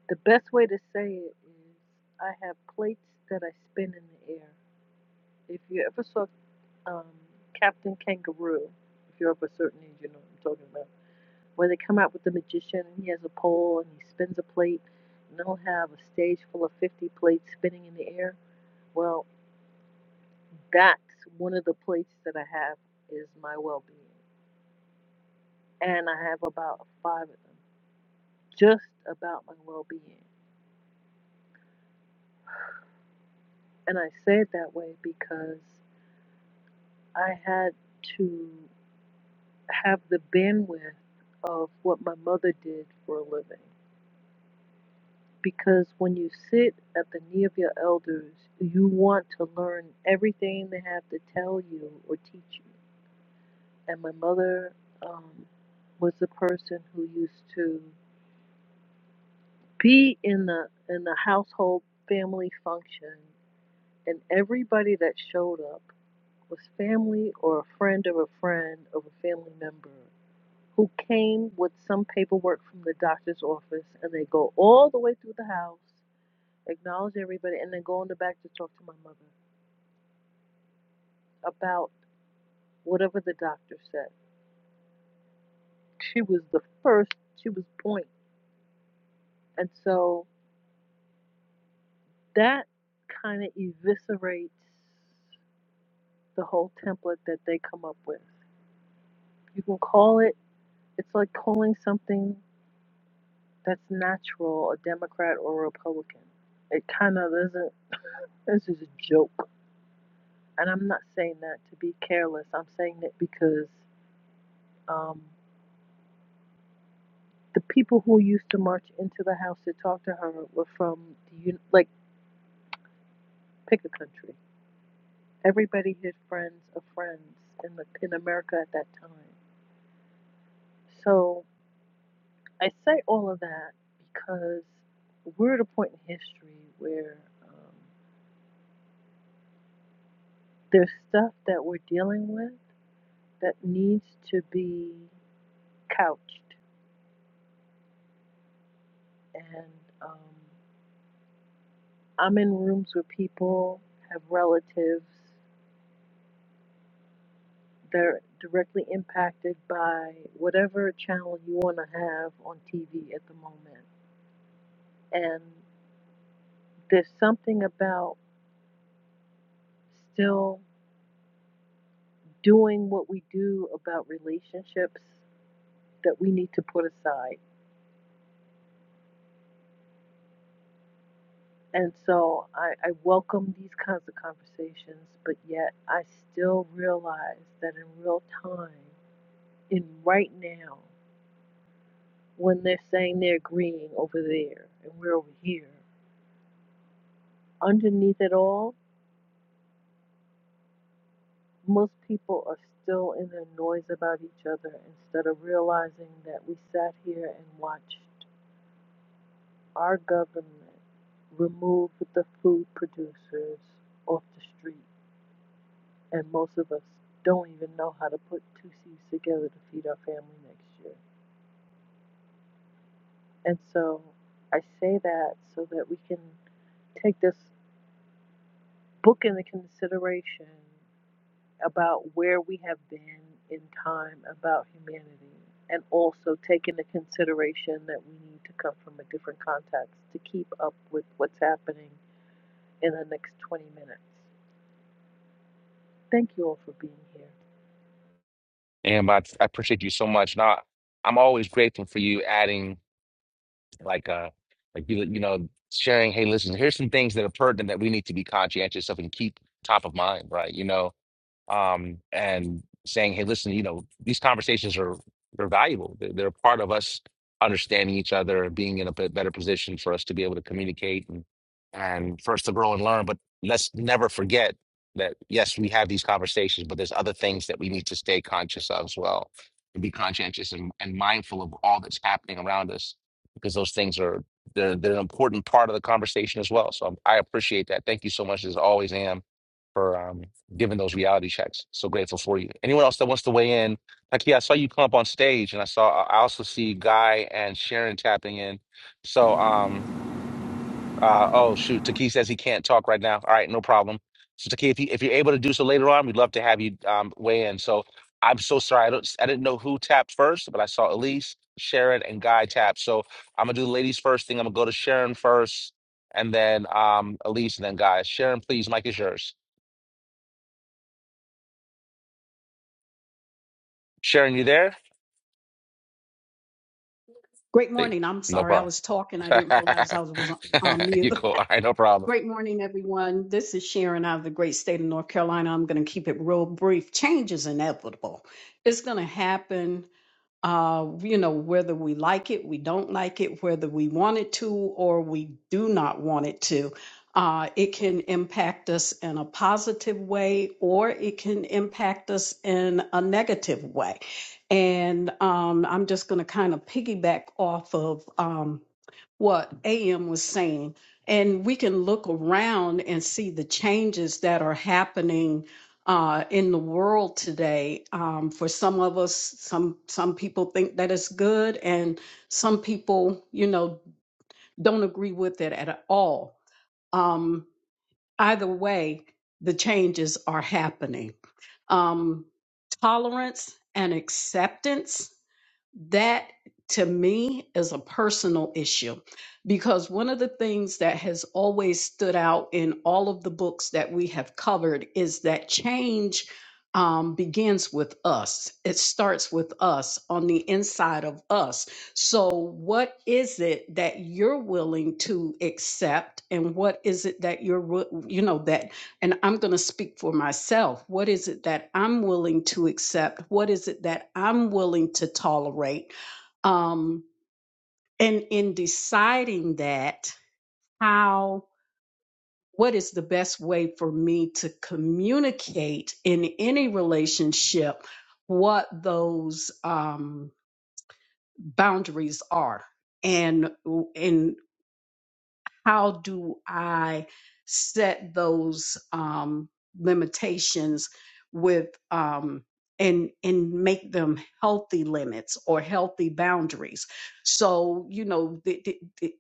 [SPEAKER 7] the best way to say it is I have plates that I spin in the air if you ever saw um, Captain Kangaroo. If you're of a certain age, you know what I'm talking about. Where they come out with the magician and he has a pole and he spins a plate and they'll have a stage full of 50 plates spinning in the air. Well, that's one of the plates that I have is my well-being. And I have about five of them just about my well-being. And I say it that way because I had to have the bandwidth of what my mother did for a living because when you sit at the knee of your elders, you want to learn everything they have to tell you or teach you. And my mother um, was the person who used to be in the in the household family function, and everybody that showed up was family or a friend of a friend of a family member who came with some paperwork from the doctor's office, and they go all the way through the house acknowledge everybody, and then go in the back to talk to my mother about whatever the doctor said. She was the first, she was point. And so that kind of eviscerates the whole template that they come up with. You can call it, it's like calling something that's natural a Democrat or a Republican. It kind of isn't, this is a joke. And I'm not saying that to be careless, I'm saying that because. Um, The people who used to march into the house to talk to her were from the like pick a country. Everybody had friends of friends in the in America at that time. So I say all of that because we're at a point in history where um, there's stuff that we're dealing with that needs to be couched. And um, I'm in rooms where people have relatives they're directly impacted by whatever channel you want to have on TV at the moment. And there's something about still doing what we do about relationships that we need to put aside. And so I, I welcome these kinds of conversations, but yet I still realize that in real time, in right now, when they're saying they're agreeing over there and we're over here, underneath it all, Most people are still in their noise about each other instead of realizing that we sat here and watched our government remove the food producers off the street, and most of us don't even know how to put two seeds together to feed our family next year. And so I say that so that we can take this book into consideration about where we have been in time about humanity and also take into consideration that we need to come from a different context to keep up with what's happening in the next 20 minutes. Thank you all for being here.
[SPEAKER 1] And I, I appreciate you so much. Now, I'm always grateful for you adding like uh like you you know sharing. Hey, listen, here's some things that are pertinent that we need to be conscientious of and keep top of mind, right? You know, um, and saying, "Hey, listen, you know, these conversations are they're valuable. They're, they're a part of us understanding each other, being in a bit better position for us to be able to communicate and and for us to grow and learn. But let's never forget that yes, we have these conversations, but there's other things that we need to stay conscious of as well, and be conscientious and, and mindful of all that's happening around us because those things are they're, they're an important part of the conversation as well. So I appreciate that. Thank you so much as always, Am. for um given those reality checks. So grateful for you. Anyone else that wants to weigh in? Like, yeah, I saw you come up on stage, and I saw I also see Guy and Sharon tapping in. So, um, uh, oh shoot, Taki says he can't talk right now. All right, no problem. So Taki, if you if you're able to do so later on, we'd love to have you um weigh in. So I'm so sorry, I don't I didn't know who tapped first, but I saw Elise, Sharon, and Guy tap. So I'm gonna do the ladies first thing. I'm gonna go to Sharon first, and then um Elise, and then Guy. Sharon, please, mic is yours. Sharon, you there?
[SPEAKER 5] Great
[SPEAKER 1] Hey,
[SPEAKER 5] morning. I'm
[SPEAKER 1] no
[SPEAKER 5] sorry, I
[SPEAKER 1] problem.
[SPEAKER 5] was talking. I didn't realize I was, was on on mute.
[SPEAKER 1] you cool. All right, no problem.
[SPEAKER 5] Great morning, everyone. This is Sharon out of the great state of North Carolina. I'm going to keep it real brief. Change is inevitable. It's going to happen uh, you know, whether we like it, we don't like it, whether we want it to, or we do not want it to. Uh, it can impact us in a positive way, or it can impact us in a negative way. And um, I'm just going to kind of piggyback off of. Um, what AM was saying. And we can look around and see the changes that are happening uh, in the world today. Um, for some of us, some some people think that it's good, and some people, you know, don't agree with it at all. Um, either way, the changes are happening. Um, tolerance and acceptance that to me is a personal issue because one of the things that has always stood out in all of the books that we have covered is that change um, begins with us. It starts with us on the inside of us. So, what is it that you're willing to accept, and what is it that you're, wi- you know, that and I'm going to speak for myself. What is it that I'm willing to accept? What is it that I'm willing to tolerate? Um, and in deciding that, how, what is the best way for me to communicate in any relationship what those um, boundaries are? And, and how do I set those um, limitations with um, and and make them healthy limits or healthy boundaries? So you know, the, the, the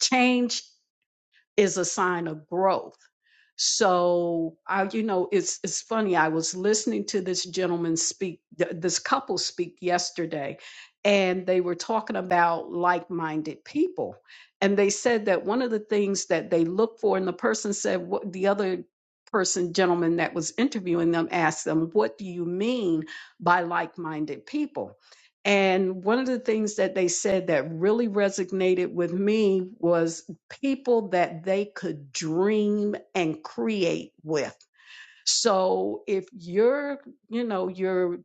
[SPEAKER 5] change is a sign of growth. So I, you know, it's it's funny. I was listening to this gentleman speak, th- this couple speak yesterday, and they were talking about like-minded people, and they said that one of the things that they look for, and the person said, what the other person gentleman that was interviewing them asked them, "What do you mean by like-minded people?" And one of the things that they said that really resonated with me was people that they could dream and create with. So if you're, you know, you're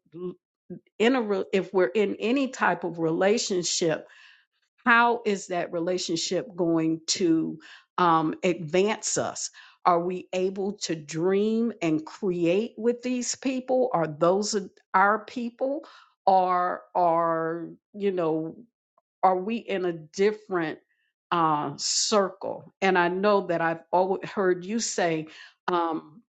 [SPEAKER 5] in a, re- if we're in any type of relationship, how is that relationship going to um, advance us? Are we able to dream and create with these people? Are those our people? Are are you know? are we in a different uh, circle? And I know that I've always heard you say, um,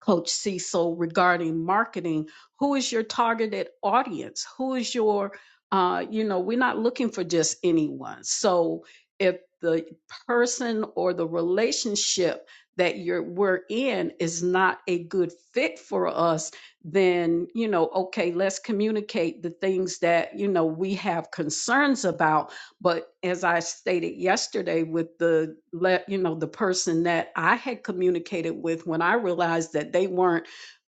[SPEAKER 5] Coach Cecil, regarding marketing, who is your targeted audience? Who is your, uh, you know, we're not looking for just anyone. So if the person or the relationship that you're we're in is not a good fit for us, then you know, okay, let's communicate the things that you know we have concerns about but as I stated yesterday with the let you know the person that I had communicated with when I realized that they weren't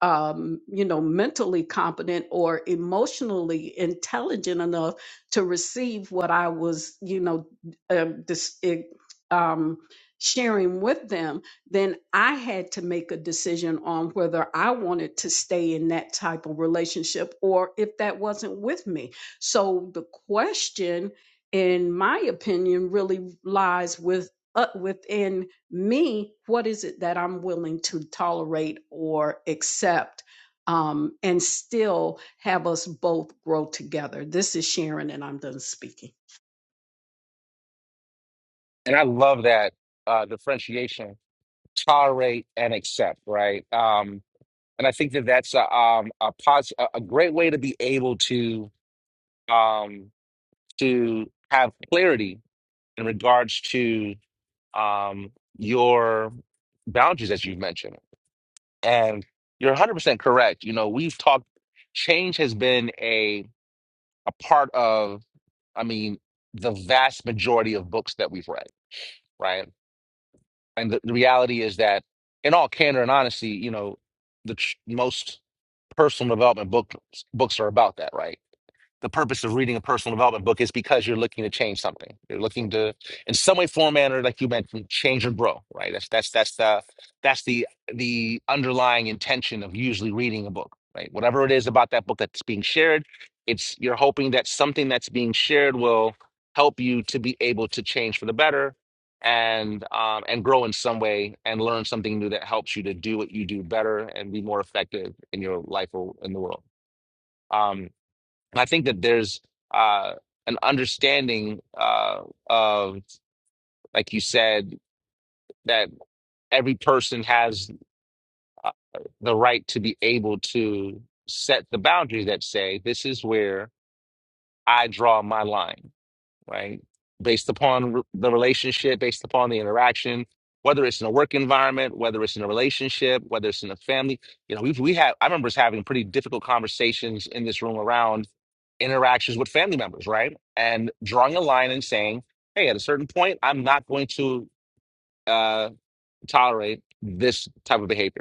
[SPEAKER 5] um, you know mentally competent or emotionally intelligent enough to receive what I was you know um, dis- eh, um, sharing with them, then I had to make a decision on whether I wanted to stay in that type of relationship or if that wasn't with me. So the question in my opinion, really lies with uh, within me. What is it that I'm willing to tolerate or accept, um, and still have us both grow together? This is Sharon, and I'm done speaking.
[SPEAKER 1] And I love that uh, differentiation, tolerate and accept, right? Um, and I think that that's a, um, a, pos- a a great way to be able to um, to have clarity in regards to um, your boundaries that you've mentioned. And you're 100% correct. You know, we've talked, change has been a, a part of. I mean, the vast majority of books that we've read, right? And the, the reality is that, in all candor and honesty, you know, the tr- most personal development book, books are about that, right? the purpose of reading a personal development book is because you're looking to change something. You're looking to, in some way, form, manner, like you mentioned, change and grow. Right. That's that's that's the that's the the underlying intention of usually reading a book. Right. Whatever it is about that book that's being shared, it's you're hoping that something that's being shared will help you to be able to change for the better and um, and grow in some way and learn something new that helps you to do what you do better and be more effective in your life or in the world. Um, and I think that there's uh, an understanding uh, of, like you said, that every person has uh, the right to be able to set the boundary that say, this is where I draw my line right? Based upon re- the relationship, based upon the interaction, whether it's in a work environment, whether it's in a relationship, whether it's in a family. You know, we've, we have, I remember us having pretty difficult conversations in this room around interactions with family members, right? And drawing a line and saying, hey, at a certain point, I'm not going to uh, tolerate this type of behavior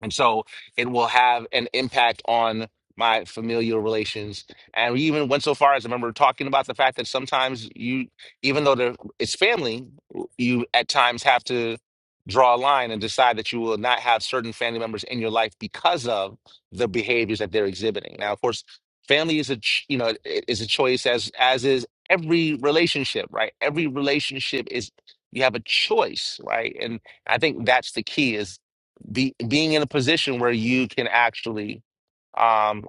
[SPEAKER 1] and so it will have an impact on my familial relations. And we even went so far as I remember talking about the fact that sometimes you, even though there, it's family, you at times have to draw a line and decide that you will not have certain family members in your life because of the behaviors that they're exhibiting. Now, of course, family is a, ch- you know, i- is a choice as, as is every relationship, right? Every relationship is, you have a choice, right? And I think that's the key is be being in a position where you can actually um,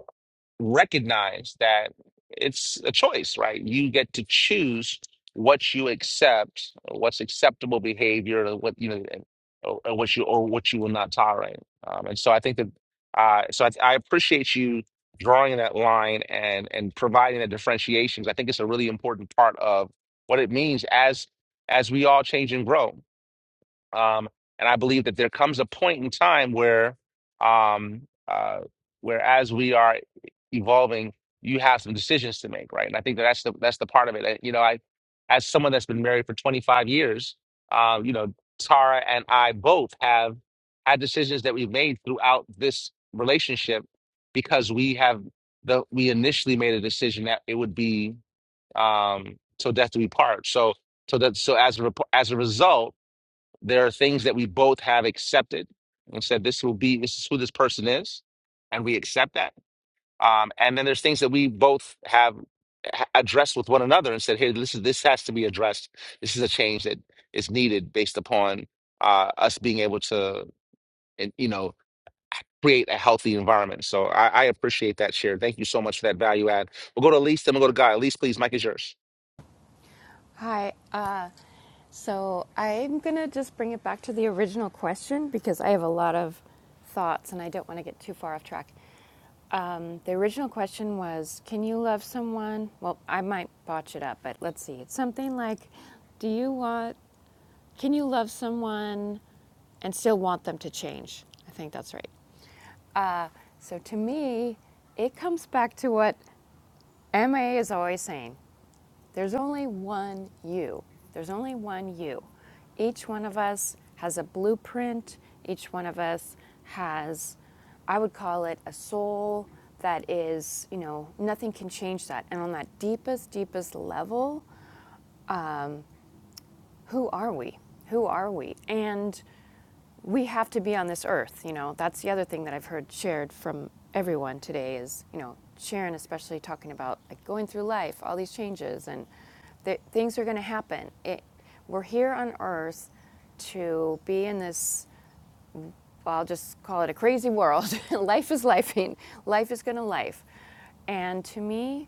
[SPEAKER 1] recognize that it's a choice, right? You get to choose what you accept, what's acceptable behavior, or what you know, and- or, or what you or what you will not tolerate. Um, and so I think that uh, so I, I appreciate you drawing that line and and providing the differentiations. I think it's a really important part of what it means as as we all change and grow. Um, and I believe that there comes a point in time where, um, uh, where as we are e, evolving, you have some decisions to make, right? And I think that that's the that's the part of it. Uh, You know, I, as someone that's been married for 25 years, uh, you know, Tara and I both have had decisions that we've made throughout this relationship because we have the we initially made a decision that it would be um, till death do we part. So so that so as a rep- as a result there are things that we both have accepted and said, this will be, this is who this person is. And we accept that. Um, and then there's things that we both have ha- addressed with one another and said, hey, this is, this has to be addressed. This is a change that is needed based upon uh, us being able to, and, you know, create a healthy environment. So I, I appreciate that share. Thank you so much for that value add. We'll go to Elise, then we'll go to Guy. Elise, please, Mike is yours.
[SPEAKER 3] Hi. Uh, so I'm going to just bring it back to the original question because I have a lot of thoughts and I don't want to get too far off track. Um, the original question was Can you love someone? Well, I might botch it up, but let's see. It's something like Do you want, can you love someone and still want them to change? I think that's right. Uh, so to me, it comes back to what MA is always saying there's only one you. There's only one you. Each one of us has a blueprint. Each one of us has, I would call it a soul that is, you know, nothing can change that. And on that deepest, deepest level, who are we? Who are we? And we have to be on this earth you know that's the other thing that i've heard shared from everyone today is you know sharon especially talking about like going through life all these changes and that things are going to happen it, we're here on earth to be in this well, i'll just call it a crazy world life is lifing life is going to life and to me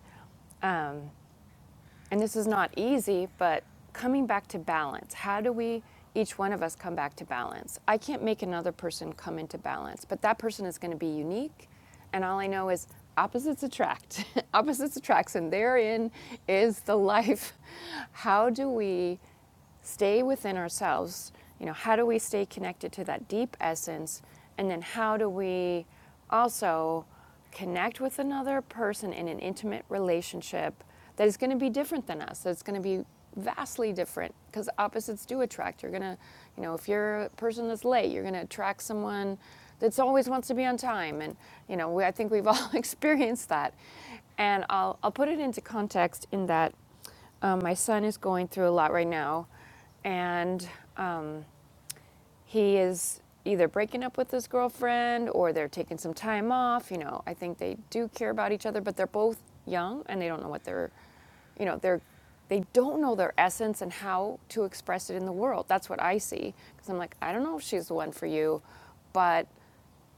[SPEAKER 3] and this is not easy, but coming back to balance. How do we, each one of us, come back to balance? I can't make another person come into balance, but that person is going to be unique. And all I know is opposites attract, opposites attract, and therein is the life. How do we? stay within ourselves you know how do we stay connected to that deep essence and then how do we also connect with another person in an intimate relationship that is going to be different than us that's going to be vastly different because opposites do attract you're going to you know if you're a person that's late you're going to attract someone that always wants to be on time and you know we, i think we've all experienced that and I'll, I'll put it into context in that um, my son is going through a lot right now, and um, he is either breaking up with his girlfriend or they're taking some time off. You know, I think they do care about each other, but they're both young and they don't know what they're, you know, they're. They don't know their essence and how to express it in the world. That's what I see. Because I'm like, I don't know if she's the one for you, but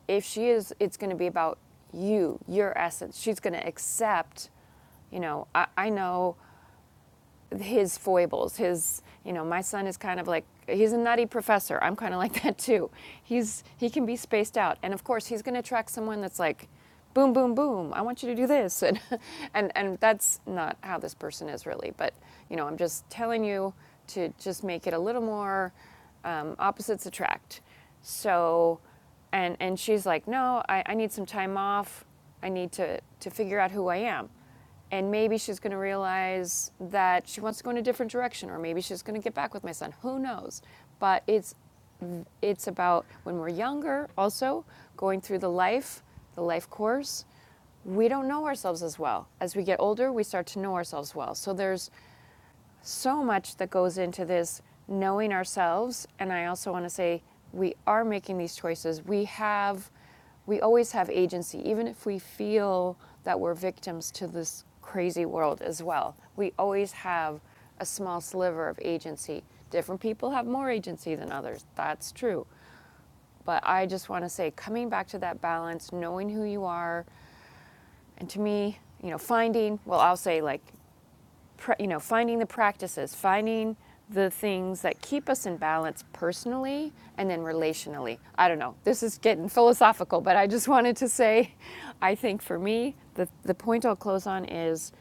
[SPEAKER 3] if she is, it's going to be about you, your essence. She's going to accept, you know, I, I know his foibles his you know my son is kind of like he's a nutty professor i'm kind of like that too he's he can be spaced out and of course he's going to attract someone that's like boom boom boom i want you to do this and and and that's not how this person is really but you know i'm just telling you to just make it a little more um, opposites attract so and and she's like no I, I need some time off i need to to figure out who i am and maybe she's going to realize that she wants to go in a different direction or maybe she's going to get back with my son who knows but it's it's about when we're younger also going through the life the life course we don't know ourselves as well as we get older we start to know ourselves well so there's so much that goes into this knowing ourselves and i also want to say we are making these choices we have we always have agency even if we feel that we're victims to this crazy world as well we always have a small sliver of agency different people have more agency than others that's true but i just want to say coming back to that balance knowing who you are and to me you know finding well i'll say like you know, finding the practices, finding the things that keep us in balance personally and then relationally. I don't know. This is getting philosophical, but I just wanted to say, I think for me, the the point I'll close on is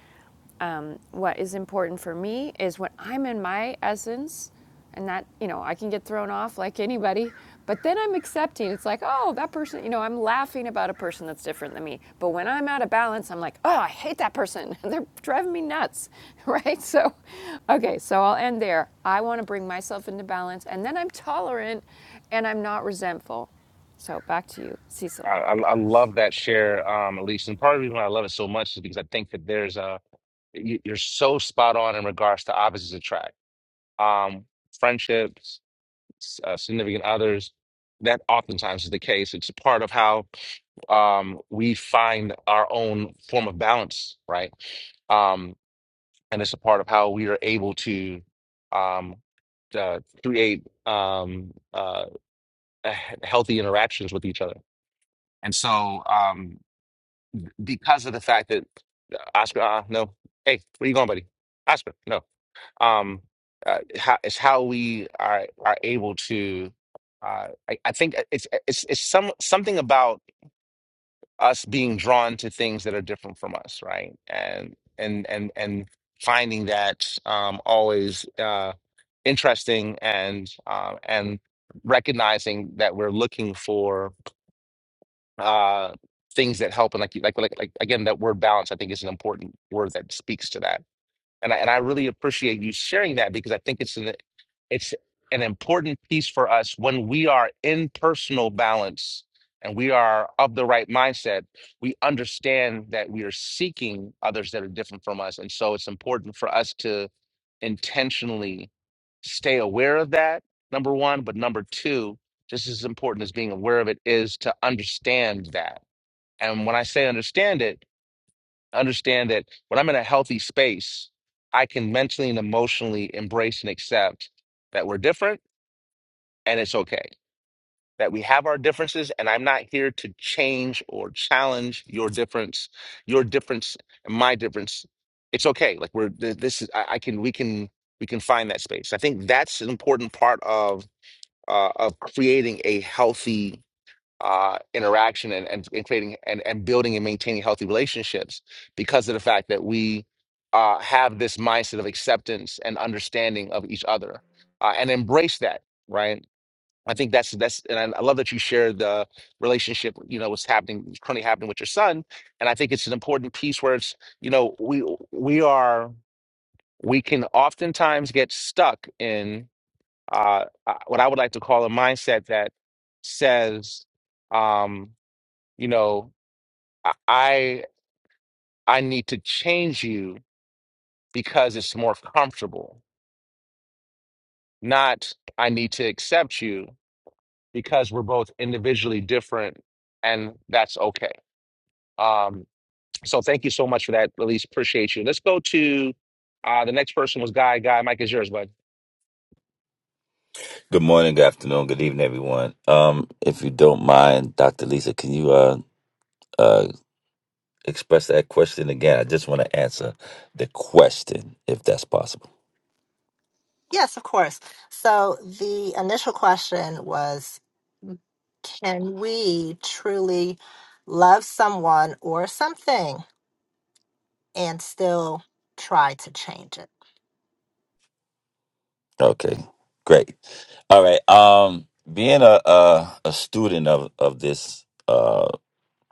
[SPEAKER 3] um, what is important for me is when I'm in my essence, and that you know i can get thrown off like anybody but then i'm accepting it's like oh that person you know i'm laughing about a person that's different than me but when i'm out of balance i'm like oh i hate that person they're driving me nuts right so okay so i'll end there i want to bring myself into balance and then i'm tolerant and i'm not resentful so back to you
[SPEAKER 1] I,
[SPEAKER 3] cecil
[SPEAKER 1] I I love that share, um, Elise. And part of the reason why I love it so much is because I think that there's a, you, you're so spot on in regards to opposites attract. Um, friendships, s- uh, significant others, that oftentimes is the case. It's a part of how um, we find our own form of balance, right? Um, and it's a part of how we are able to um, uh, create um, uh, h- healthy interactions with each other. And so, um, because of the fact that uh, Oscar, uh, no, hey, where you going, buddy? Oscar, no. um uh, how it's how we are are able to uh I, I think uh, it's uh, it's it's some something about us being drawn to things that are different from us right and and and and finding that um always uh interesting and um and recognizing that we're looking for uh things that help and like you- like like like again that word balance I think is an important word that speaks to that and I, and I really appreciate you sharing that because I think it's an it's an important piece for us when we are in personal balance and we are of the right mindset. We understand that we are seeking others that are different from us, and so it's important for us to intentionally stay aware of that. Number one, but number two, just as important as being aware of it is to understand that. And when I say understand it understand that when I'm in a healthy space, I can mentally and emotionally embrace and accept that we're different and it's okay, that we have our differences, and I'm not here to change or challenge your difference, your difference, and my difference. It's okay. Like we're th- this is I, I can we can we can find that space. I think that's an important part of uh, of creating a healthy uh, interaction and, and, and creating and, and building and maintaining healthy relationships because of the fact that we uh, have this mindset of acceptance and understanding of each other uh, and embrace that right i think that's that's and I, I love that you shared the relationship you know what's happening what's currently happening with your son and i think it's an important piece where it's you know we we are we can oftentimes get stuck in uh, uh, what i would like to call a mindset that says um, you know, I I I need to change you because it's more comfortable. Not I need to accept you because we're both individually different and that's okay. Um so thank you so much for that. Elise, appreciate you. Let's go to uh the next person was Guy. Guy, Mike is yours, bud.
[SPEAKER 8] Good morning, good afternoon, good evening, everyone. Um, if you don't mind, Dr. Lisa, can you uh, uh, express that question again? I just want to answer the question, if that's possible.
[SPEAKER 4] Yes, of course. So the initial question was. Can we truly love someone or something and still try to change it?
[SPEAKER 8] Okay, great. All right. Um, being a a, a student of of this uh,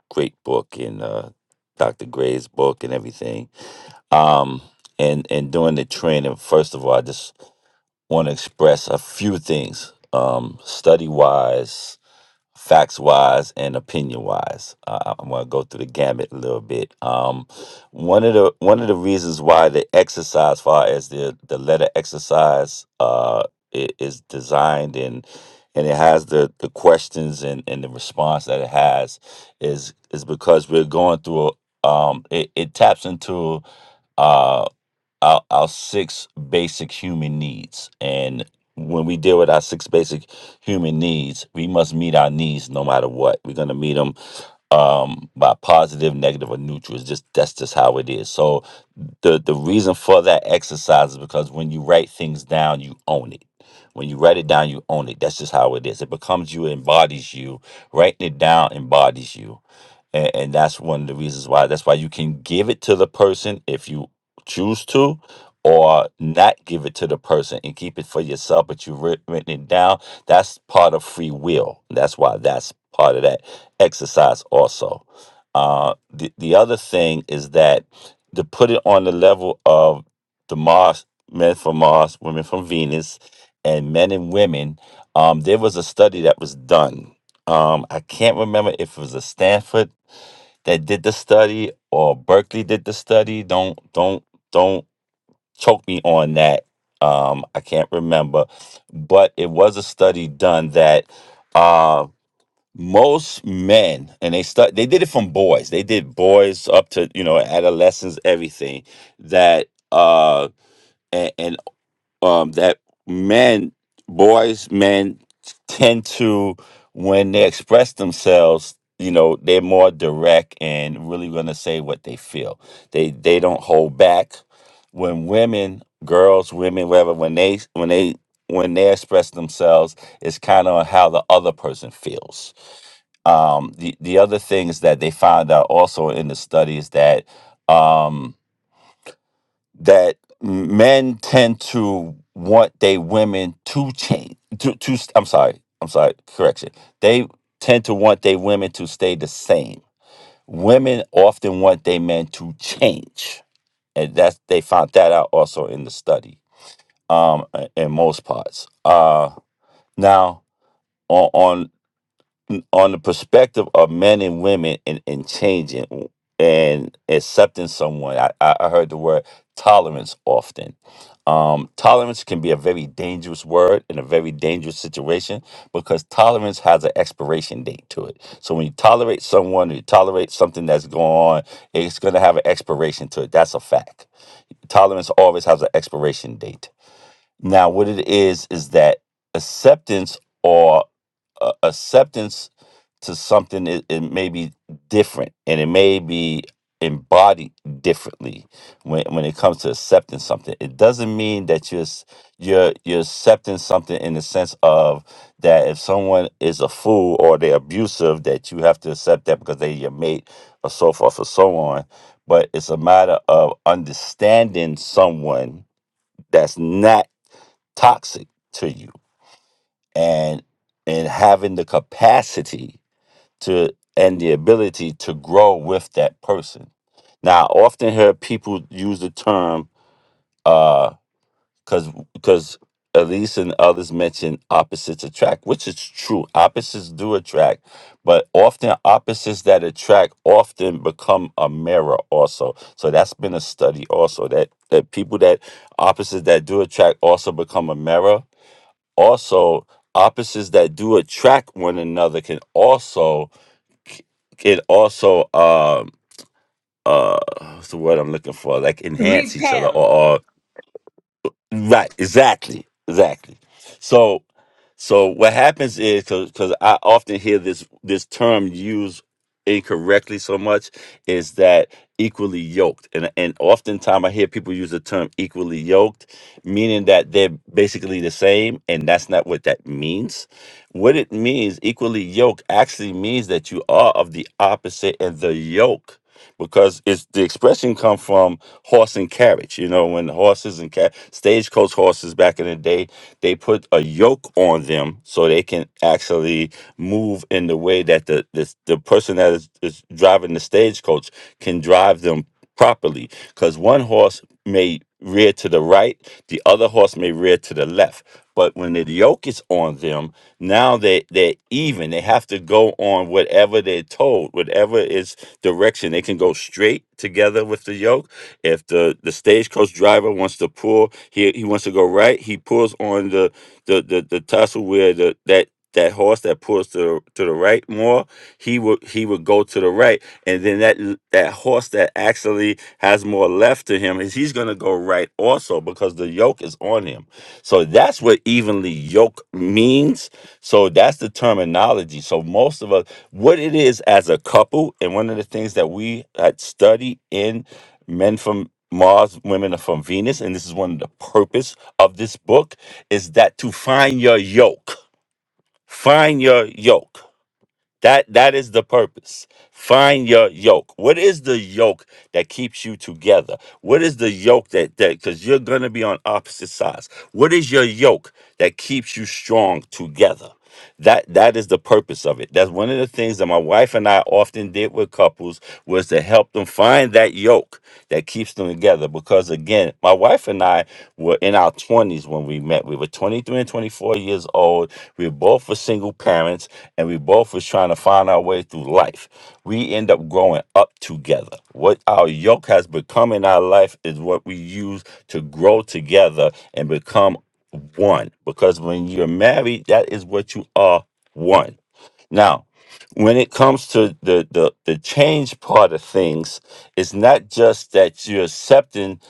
[SPEAKER 8] great book and uh, Dr. Gray's book and everything, um, and and doing the training, first of all, I just want to express a few things, um, study wise facts wise and opinion wise. Uh, I'm going to go through the gamut a little bit. Um, one of the one of the reasons why the exercise, far as the the letter exercise, uh, i- is designed and and it has the the questions and and the response that it has is is because we're going through. Um, it, it taps into uh our, our six basic human needs and when we deal with our six basic human needs. We must meet our needs no matter what. We're going to meet them um, by positive, negative, or neutral. It's just that's just how it is. So the the reason for that exercise is because when you write things down, you own it. When you write it down, you own it. That's just how it is. It becomes you. It embodies you. Writing it down embodies you, and, and that's one of the reasons why. That's why you can give it to the person if you choose to, or not give it to the person and keep it for yourself. But you've writ- written it down that's part of free will. That's why that's part of that exercise also. Uh, the, the other thing is that to put it on the level of the Mars, men from Mars, women from Venus, and men and women, um, there was a study that was done. Um, I can't remember if it was a Stanford that did the study or Berkeley did the study. Don't don't don't choke me on that. Um, I can't remember, but it was a study done that uh, most men, and they stu- they did it from boys. They did boys up to you know adolescents, everything that. Uh, a- and, um, that men, boys, men tend to, when they express themselves, you know, they're more direct and really going to say what they feel. They they don't hold back. When women, girls, women, whatever, when they when they when they express themselves, it's kind of how the other person feels. Um, the the other things that they found out also in the studies that. Um, that men tend to want their women to change to, to i'm sorry i'm sorry correction they tend to want their women to stay the same women often want their men to change and that's they found that out also in the study um in most parts uh now on on the perspective of men and women and, and changing and accepting someone. I, I I heard the word tolerance often. Um, tolerance can be a very dangerous word in a very dangerous situation because tolerance has an expiration date to it. So when you tolerate someone, you tolerate something that's going on, it's going to have an expiration to it. That's a fact. Tolerance always has an expiration date. Now, what it is is that acceptance or uh, acceptance to something it, it may be different and it may be embodied differently when, when it comes to accepting something it doesn't mean that you're s- you're you're accepting something in the sense of that if someone is a fool or they're abusive that you have to accept that because they're your mate or so forth or so on but it's a matter of understanding someone that's not toxic to you and and having the capacity to and the ability to grow with that person. Now, I often hear people use the term because because Elise and others mention opposites attract, which is true. Opposites do attract, but often opposites that attract often become a mirror also. So that's been a study also that that people that opposites that do attract also become a mirror. Also, opposites that do attract one another can also it also um uh what's the word I'm looking for? Like enhance each other
[SPEAKER 6] Repel.
[SPEAKER 8] or, or Right, exactly, exactly. So, so what happens is because I often hear this this term used incorrectly so much is that equally yoked, and and oftentimes I hear people use the term equally yoked, meaning that they're basically the same, and that's not what that means. What it means, equally yoked, actually means that you are of the opposite and the yoke because it's the expression come from horse and carriage. You know, when horses and car- stagecoach horses back in the day, they put a yoke on them so they can actually move in the way that the the, the person that is, is driving the stagecoach can drive them properly. Because one horse may rear to the right, the other horse may rear to the left. But when the yoke is on them, now they they're even. They have to go on whatever they're told, whatever is direction. They can go straight together with the yoke. If the the stagecoach driver wants to pull, he he wants to go right. He pulls on the the the, the tussle where the that that horse that pulls to the, to the right more he would he would go to the right and then that l- that horse that actually has more left to him is he's going to go right also because the yoke is on him so that's what evenly yoke means so that's the terminology so most of us what it is as a couple and one of the things that we had studied in men from mars women are from venus and this is one of the purpose of this book is that to find your yoke find your yoke that that is the purpose find your yoke what is the yoke that keeps you together what is the yoke that that because you're going to be on opposite sides what is your yoke that keeps you strong together that that is the purpose of it. That's one of the things that my wife and I often did with couples was to help them find that yoke that keeps them together. Because again, my wife and I were in our twenties when we met. We were 23 and 24 years old. We both were single parents and we both was trying to find our way through life. We end up growing up together. What our yoke has become in our life is what we use to grow together and become one because when you're married, that is what you are one. Now, when it comes to the, the the change part of things, it's not just that you're accepting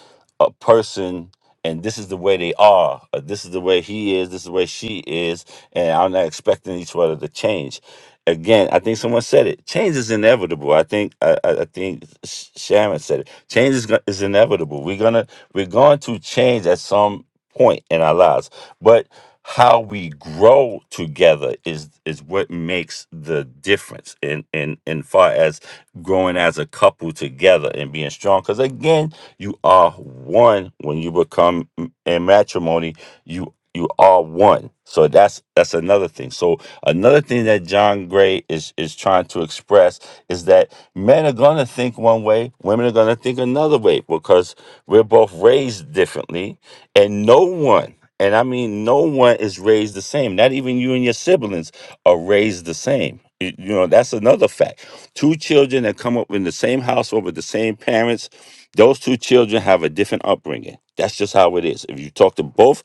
[SPEAKER 8] a person and this is the way they are, or this is the way he is, this is the way she is, and I'm not expecting each other to change. Again, I think someone said it. Change is inevitable. I think I, I I think Sh- Sharon said it. Change is, go- is inevitable. We're gonna we're going to change at some point in our lives. But how we grow together is is what makes the difference in in in far as growing as a couple together and being strong because again you are one when you become m- in matrimony you you are one so that's that's another thing so another thing that john gray is is trying to express is that men are going to think one way women are going to think another way because we're both raised differently and no one and i mean no one is raised the same not even you and your siblings are raised the same Y- you know that's another fact two children that come up in the same household with the same parents those two children have a different upbringing that's just how it is if you talk to both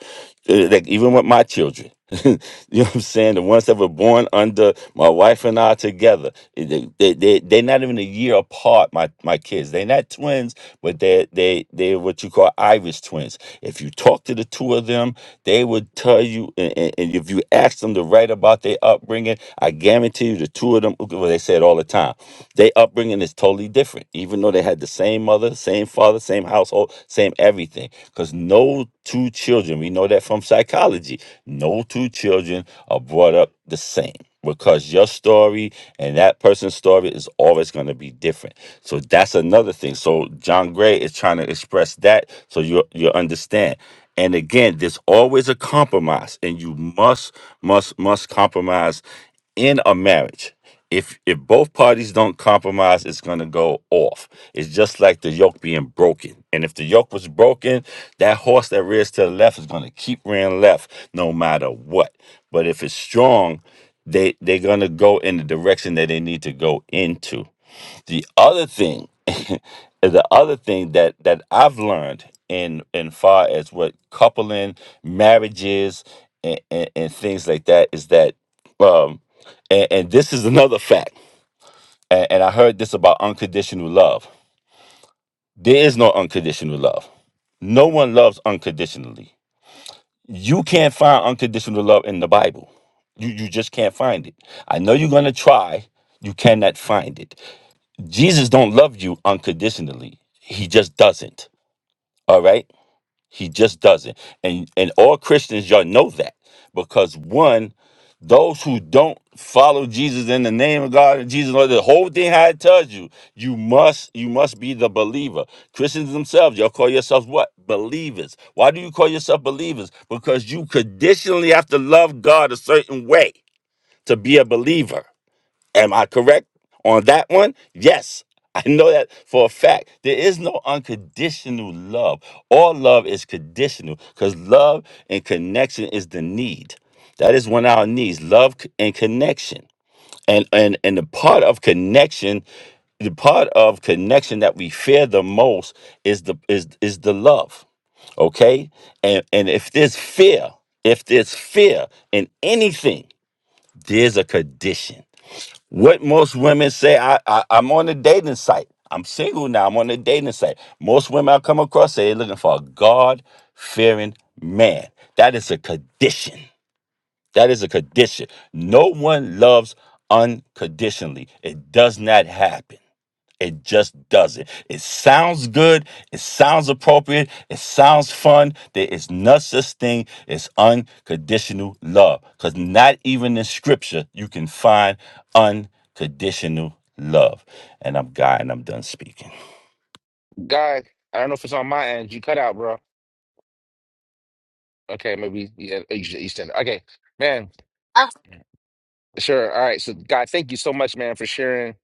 [SPEAKER 8] uh, like even with my children you know what i'm saying the ones that were born under my wife and i together eh, they, they, they, they're not even a year apart my, my kids they're not twins but they they they're what you call irish twins if you talk to the two of them, they would tell you, and, and- and if you ask them to write about their upbringing, I guarantee you the two of them, well, they say it all the time their upbringing is totally different, even though they had the same mother, same father, same household, same everything. Because no two children, we know that from psychology, no two children are brought up the same because your story and that person's story is always going to be different. So that's another thing. So John Gray is trying to express that so you you understand. And again, there's always a compromise and you must must must compromise in a marriage if if both parties don't compromise, it's gonna go off. It's just like the yoke being broken. And if the yoke was broken, that horse that rears to the left is gonna keep rearing left no matter what. But if it's strong, they they're gonna go in the direction that they need to go into the other thing the other thing that that i've learned in in far as what coupling marriages and, and, and things like that is that um and, and this is another fact and, and i heard this about unconditional love there is no unconditional love no one loves unconditionally you can't find unconditional love in the bible you you just can't find it i know you're going to try you cannot find it Jesus don't love you unconditionally. He just doesn't. All right? He just doesn't. And and all Christians y'all know that because one those who don't follow Jesus in the name of God and Jesus the whole thing how it tells you, you must you must be the believer. Christians themselves, y'all call yourselves what? Believers. Why do you call yourself believers? Because you conditionally have to love God a certain way to be a believer. Am I correct on that one? Yes. I know that for a fact. There is no unconditional love. All love is conditional because love and connection is the need. That is one of our needs love c- and connection. And, and, and the part of connection the part of connection that we fear the most is the is is the love okay and and if there's fear if there's fear in anything there's a condition what most women say, I, I I'm on a dating site. I'm single now. I'm on a dating site. Most women I come across say they're looking for a God fearing man. That is a condition. That is a condition. No one loves unconditionally. It does not happen. It just doesn't. It sounds good. It sounds appropriate. It sounds fun. There is no such thing as unconditional love. Because not even in scripture you can find unconditional love. And I'm God and I'm done speaking.
[SPEAKER 1] Guy, I don't know if it's on my end. You cut out, bro. Okay, maybe yeah, East East End. Okay, man,
[SPEAKER 4] Ah,
[SPEAKER 1] sure. All right. So Guy, thank you so much, man, for sharing.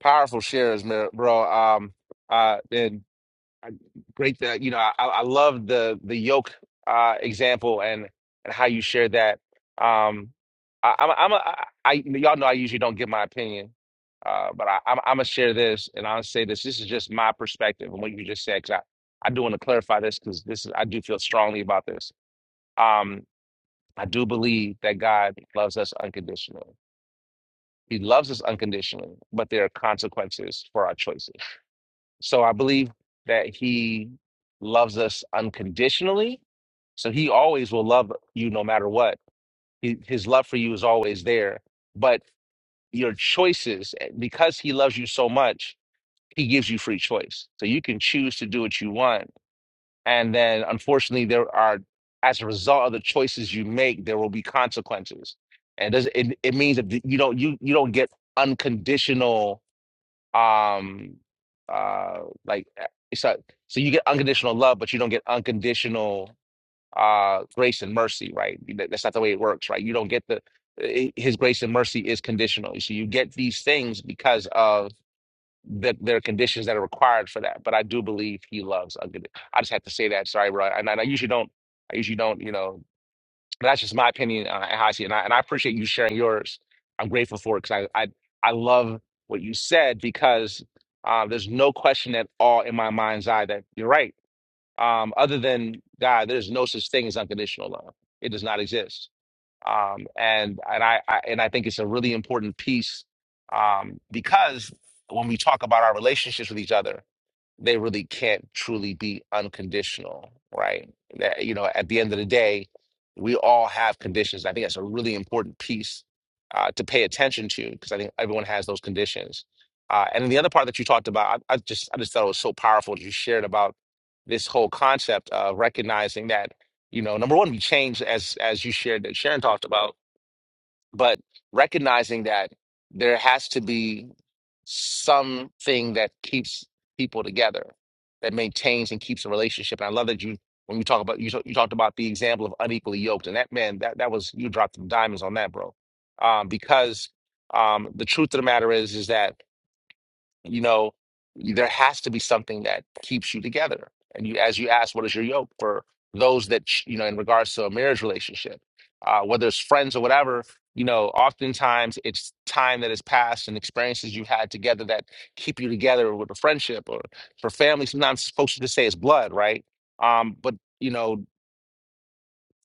[SPEAKER 1] Powerful shares, man, bro. Um uh, and I, great that you know I, I love the the yoke uh, example and and how you share that. Um, I, I'm a, I'm a, I, I y'all know I usually don't give my opinion, uh, but I, I'm I'm gonna share this and I'll say this. This is just my perspective and what you just said because I I do want to clarify this because this is I do feel strongly about this. Um, I do believe that God loves us unconditionally. He loves us unconditionally, but there are consequences for our choices so I believe that he loves us unconditionally. So he always will love you no matter what. He, his love for you is always there. But your choices, eh, because he loves you so much, he gives you free choice. So you can choose to do what you want. And then unfortunately, there are, as a result of the choices you make, there will be consequences. And it, does- it, it means that you don't, you, you don't get unconditional um uh like uh, so so you get unconditional love but you don't get unconditional uh grace and mercy right That- that's not the way it works right you don't get the i- his grace and mercy is conditional so you get these things because of the, there are conditions that are required for that but i do believe he loves uncondi- i just had to say that sorry bro and i, I usually don't i usually don't you know that's just my opinion uh, and how I see it. And I, and I appreciate you sharing yours. I'm grateful for it because I, I I love what you said because uh, there's no question at all in my mind's eye that you're right. Um, other than God, there's no such thing as unconditional love. It does not exist. Um, and and I, I and I think it's a really important piece um, because when we talk about our relationships with each other they really can't truly be unconditional, right? That, you know, at the end of the day, we all have conditions. I think that's a really important piece uh, to pay attention to because I think everyone has those conditions. Uh, and then the other part that you talked about, I, I just I just thought it was so powerful that you shared about this whole concept of recognizing that, you know, number one, we change as as you shared that Sharon talked about but recognizing that there has to be something that keeps people together, that maintains and keeps a relationship. And I love that you, when you talk about you, talk- you talked about the example of unequally yoked, and that man, that that was you dropped some diamonds on that, bro. Um, because um, the truth of the matter is, is that you know there has to be something that keeps you together and you as you ask what is your yoke for those that ch- you know in regards to a marriage relationship uh, whether it's friends or whatever you know oftentimes it's time that has passed and experiences you've had together that keep you together with a friendship or for family sometimes it's supposed to just say it's blood right um, but you know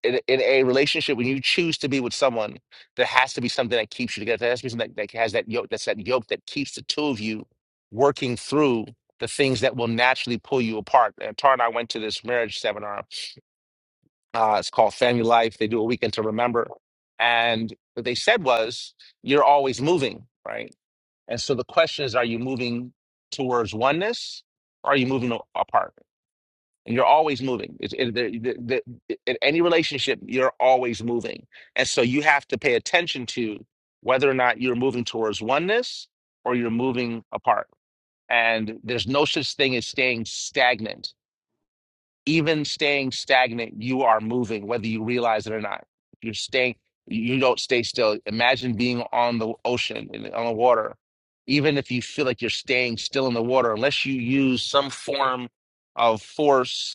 [SPEAKER 1] in, a- in a relationship when you choose to be with someone there has to be something that keeps you together there has to be something that, that has that yoke that's that yoke that keeps the two of you working through the things that will naturally pull you apart and tara and i went to this marriage seminar uh, it's called family life they do a weekend to remember and what they said was you're always moving right and so the question is are you moving towards oneness or are you moving a- apart you're always moving. It's, it, the, the, the, in any relationship, you're always moving. And so you have to pay attention to whether or not you're moving towards oneness or you're moving apart. And there's no such thing as staying stagnant. Even staying stagnant, you are moving, whether you realize it or not. You're staying, you don't stay still. Imagine being on the ocean, in- on the water. Even if you feel like you're staying still in the water, unless you use some form of force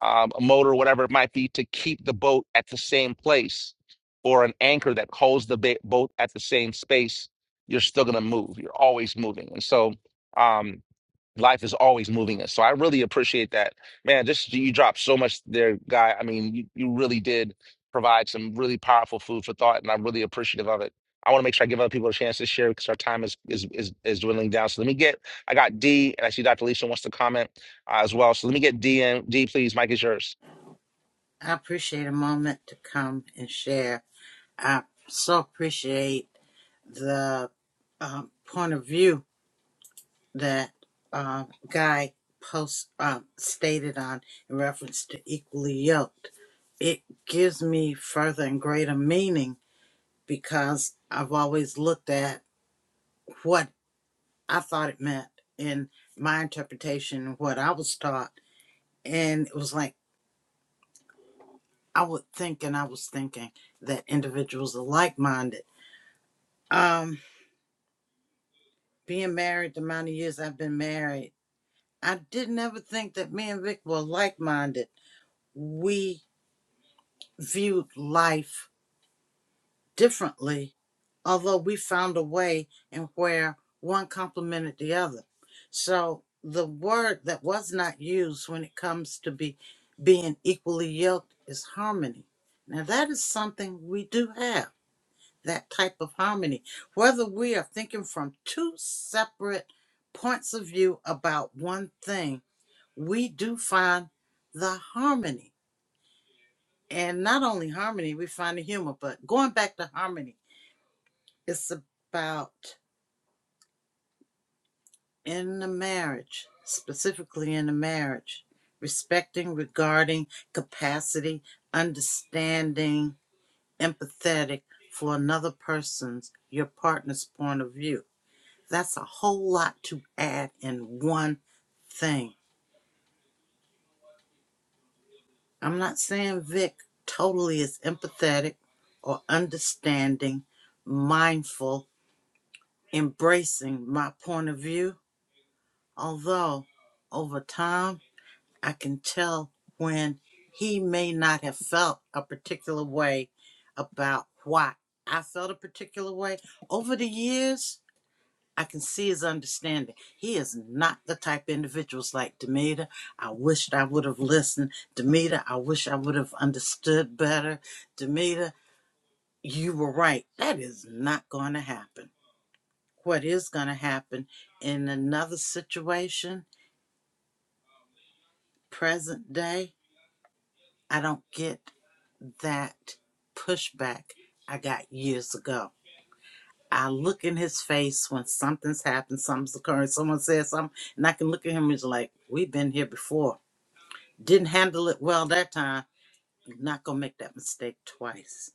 [SPEAKER 1] um, a motor, whatever it might be, to keep the boat at the same place, or an anchor that holds the ba- boat at the same space, you're still going to move. You're always moving. And so, um, life is always moving us. So I really appreciate that. Man, just you dropped so much there, guy. I mean, you, you really did provide some really powerful food for thought, and I'm really appreciative of it. I want to make sure I give other people a chance to share because our time is, is is is dwindling down. So let me get I got D and I see Dr. Lisa wants to comment uh, as well. So let me get D in. D, please, Mike is yours.
[SPEAKER 9] I appreciate a moment to come and share. I so appreciate the uh, point of view that uh, Guy post uh, stated on in reference to equally yoked. It gives me further and greater meaning because I've always looked at what I thought it meant in my interpretation and what I was taught, and it was like I would think and I was thinking that individuals are like minded. Um, being married the amount of years I've been married, I didn't ever think that me and Vic were like minded. We viewed life differently, although we found a way in where one complemented the other. So the word that was not used when it comes to be being equally yoked is harmony. Now that is something we do have that type of harmony, whether we are thinking from two separate points of view about one thing, we do find the harmony. And not only harmony, we find the humor, but going back to harmony, it's about in the marriage, specifically in the marriage, respecting, regarding, capacity, understanding, empathetic for another person's, your partner's point of view That's a whole lot to add in one thing. I'm not saying Vic totally is empathetic or understanding, mindful, embracing my point of view, although over time I can tell when he may not have felt a particular way about why I felt a particular way. Over the years, I can see his understanding. He is not the type of individuals like Demita. I wished I would have listened. Demita. I wish I would have understood better. Demita. you were right. That is not going to happen. What is going to happen in another situation, present day, I don't get that pushback I got years ago. I look in his face when something's happened, something's occurring, someone says something, and I can look at him and it's like, we've been here before Didn't handle it well that time. Not gonna make that mistake twice.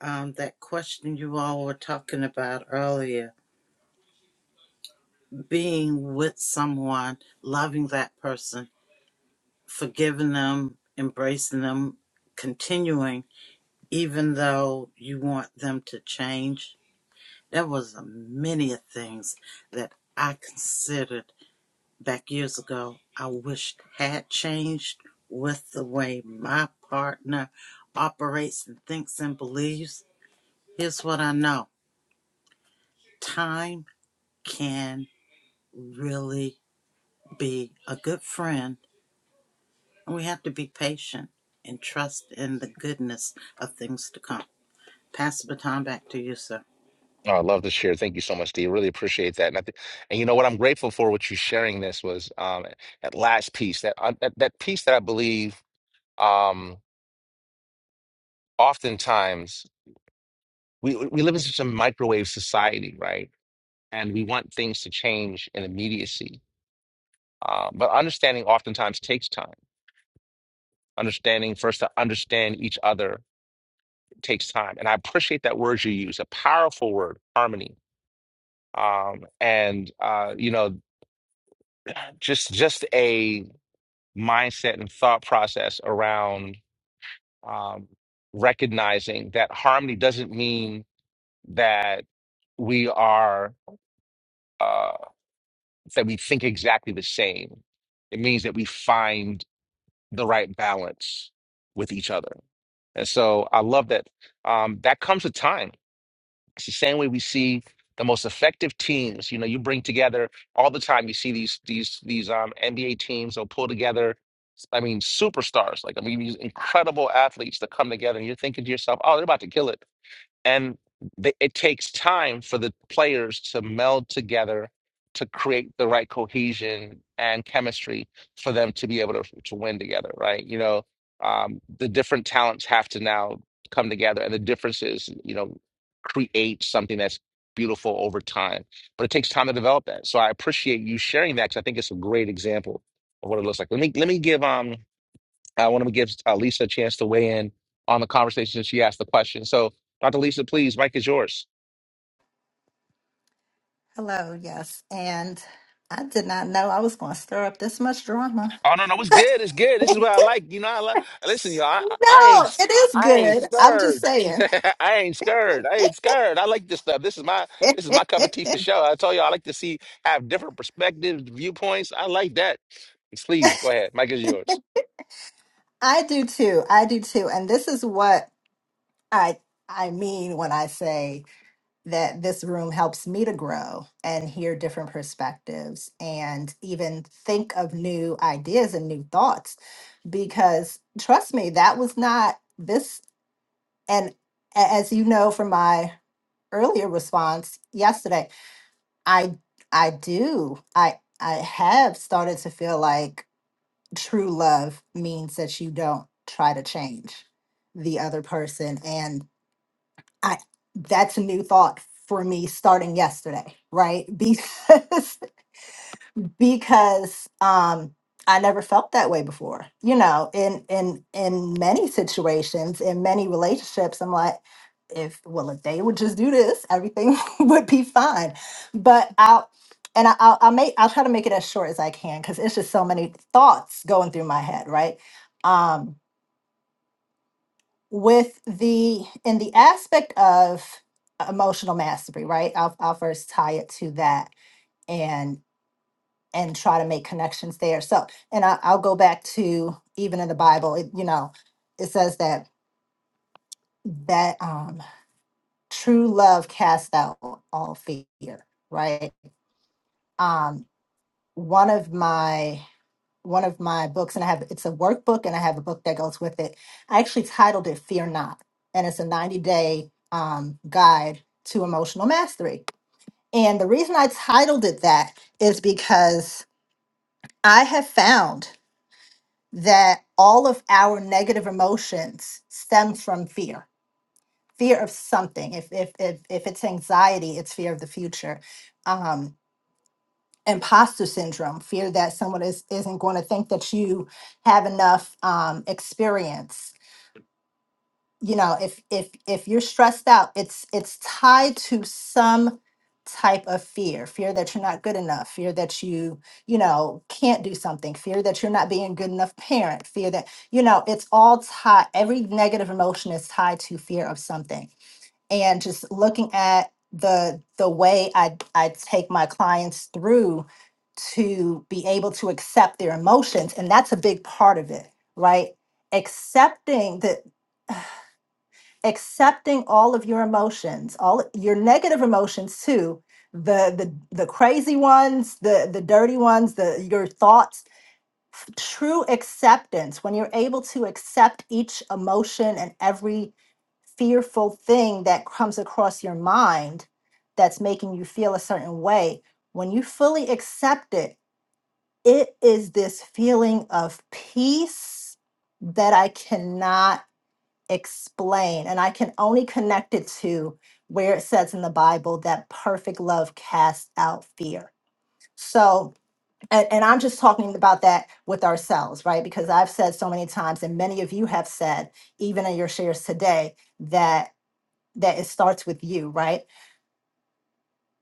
[SPEAKER 9] Um, that question you all were talking about earlier, being with someone, loving that person, forgiving them, embracing them, continuing, even though you want them to change. There was a many of things that I considered back years ago I wish had changed with the way my partner operates and thinks and believes. Here's what I know time can really be a good friend, and we have to be patient and trust in the goodness of things to come. Pass the baton back to you, sir.
[SPEAKER 1] Oh, I love to share. Thank you so much, D. Really appreciate that. And I thi- and you know what I'm grateful for what you sharing this was um that last piece, that uh, that, that piece that I believe um oftentimes we we live in such a microwave society, right? And we want things to change in immediacy. Uh, but understanding oftentimes takes time. Understanding first to understand each other takes time. And I appreciate that word you use, a powerful word, harmony. Um, and uh, you know, just just a mindset and thought process around um, recognizing that harmony doesn't mean that we are. uh, It's that we think exactly the same. It means that we find the right balance with each other. And so I love that. Um, that comes with time. It's the same way we see the most effective teams. You know, you bring together all the time. You see these these these um, NBA teams. They'll pull together. I mean, superstars. Like I mean, these incredible athletes that come together, and you're thinking to yourself, "Oh, they're about to kill it." and they, it takes time for the players to meld together to create the right cohesion and chemistry for them to be able to, to win together right you know um, the different talents have to now come together and the differences you know create something that's beautiful over time but it takes time to develop that so i appreciate you sharing that because i think it's a great example of what it looks like let me let me give um I want to give uh, Lisa a chance to weigh in on the conversation since she asked the question. So, Dr. Lisa, please, Mike is yours.
[SPEAKER 4] Hello, yes. And I did not know I was going to stir up this much drama.
[SPEAKER 1] Oh no, no, it's good. It's good. This is what I like. You know, I like. Listen, y'all, I, I I
[SPEAKER 4] No,
[SPEAKER 1] ain't,
[SPEAKER 4] it is
[SPEAKER 1] I ain't
[SPEAKER 4] good. I'm just
[SPEAKER 1] scared.
[SPEAKER 4] saying.
[SPEAKER 1] I ain't scared. I ain't scared. I like this stuff. This is my, this is my cup of tea for sure. I told you, I like to see have different perspectives, viewpoints. I like that. Please go ahead. Mike is yours.
[SPEAKER 4] I do too. I do too. And this is what I I mean when I say that this room helps me to grow and hear different perspectives and even think of new ideas and new thoughts because trust me that was not this and a- as you know from my earlier response yesterday i i do i i have started to feel like true love means that you don't try to change the other person I that's a new thought for me starting yesterday, right? Because because um I never felt that way before. You know, in in in many situations, in many relationships, I'm like if well if they would just do this, everything would be fine. But I'll and I- I'll, I'll make I'll try to make it as short as I can because it's just so many thoughts going through my head, right? Um, with the in the aspect of emotional mastery right i'll, I'll first tie it to that and and try to make connections there so and I, i'll go back to even in the bible it, you know it says that that um true love casts out all fear right um one of my one of my books and I have it's a workbook and I have a book that goes with it. I actually titled it Fear Not and it's a 90 day um, guide to emotional mastery. And the reason I titled it that is because I have found that all of our negative emotions stem from fear, fear of something. If if if, if it's anxiety, it's fear of the future. Um. imposter syndrome fear that someone is isn't going to think that you have enough um, experience you know if if if you're stressed out it's it's tied to some type of fear fear that you're not good enough fear that you you know can't do something fear that you're not being a good enough parent fear that you know it's all tied every negative emotion is tied to fear of something and just looking at the the way I I take my clients through to be able to accept their emotions and that's a big part of it, right? Accepting the accepting all of your emotions, all your negative emotions too, the the the crazy ones, the the dirty ones, the your thoughts true acceptance, when you're able to accept each emotion and every fearful thing that comes across your mind that's making you feel a certain way, when you fully accept it, it is this feeling of peace that I cannot explain. And I can only connect it to where it says in the Bible that perfect love casts out fear. So, and, and I'm just talking about that with ourselves, right? Because I've said so many times, and many of you have said, even in your shares today, that that it starts with you, right?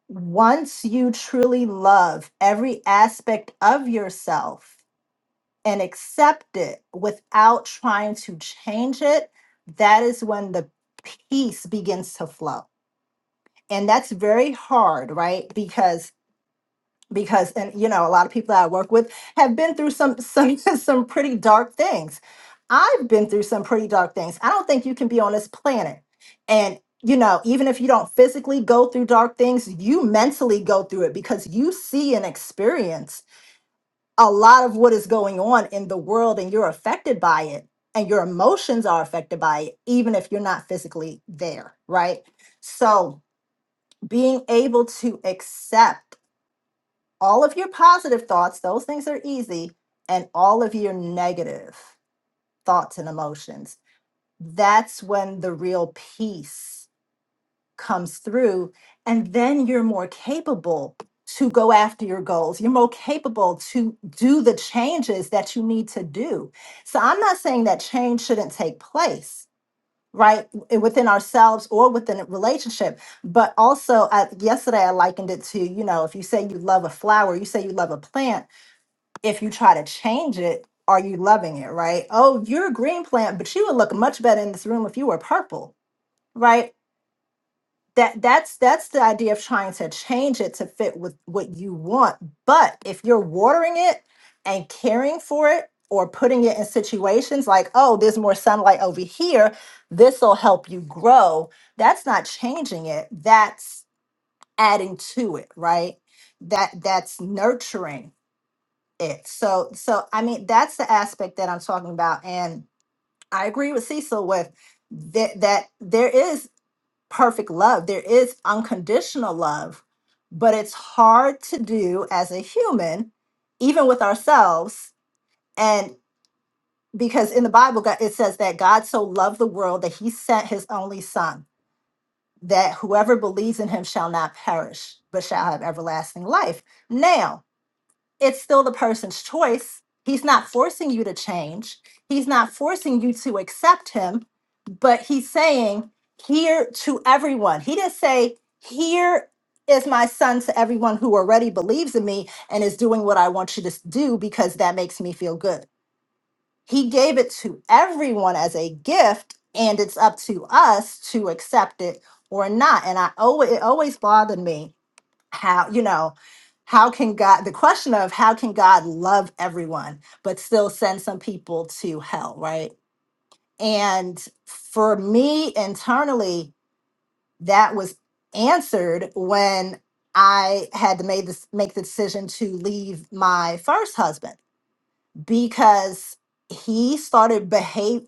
[SPEAKER 4] Once you truly love every aspect of yourself and accept it without trying to change it, that is when the peace begins to flow. And that's very hard, right? Because because and you know a lot of people that I work with have been through some some some pretty dark things. I've been through some pretty dark things. I don't think you can be on this planet and you know even if you don't physically go through dark things, you mentally go through it because you see and experience a lot of what is going on in the world and you're affected by it and your emotions are affected by it even if you're not physically there, right? So being able to accept all of your positive thoughts, those things are easy, and all of your negative thoughts and emotions. That's when the real peace comes through. And then you're more capable to go after your goals. You're more capable to do the changes that you need to do. So I'm not saying that change shouldn't take place. Right w- eh, within ourselves or within a relationship, but also I, yesterday I likened it to you know if you say you love a flower, you say you love a plant if you try to change it, are you loving it, right? Oh, you're a green plant, but you would look much better in this room if you were purple, right? That that's that's the idea of trying to change it to fit with what you want. But if you're watering it and caring for it or putting it in situations like, oh, there's more sunlight over here, this will help you grow. That's not changing it. That's adding to it, right? That that's nurturing it. So, so I mean, that's the aspect that I'm talking about, and I agree with Cecil with that that there is perfect love, there is unconditional love, but it's hard to do as a human, even with ourselves, and because in the Bible God- it says that God so loved the world that He sent His only Son. That whoever believes in him shall not perish, but shall have everlasting life. Now, it's still the person's choice. He's not forcing you to change. He's not forcing you to accept him, but he's saying, here to everyone. He didn't say, here is my son to everyone who already believes in me and is doing what I want you to s- do because that makes me feel good. He gave it to everyone as a gift, and it's up to us to accept it or not. And I always it always bothered me how you know how can god the question of how can god love everyone but still send some people to hell right and for me internally that was answered when i had to make this make the decision to leave my first husband because he started behave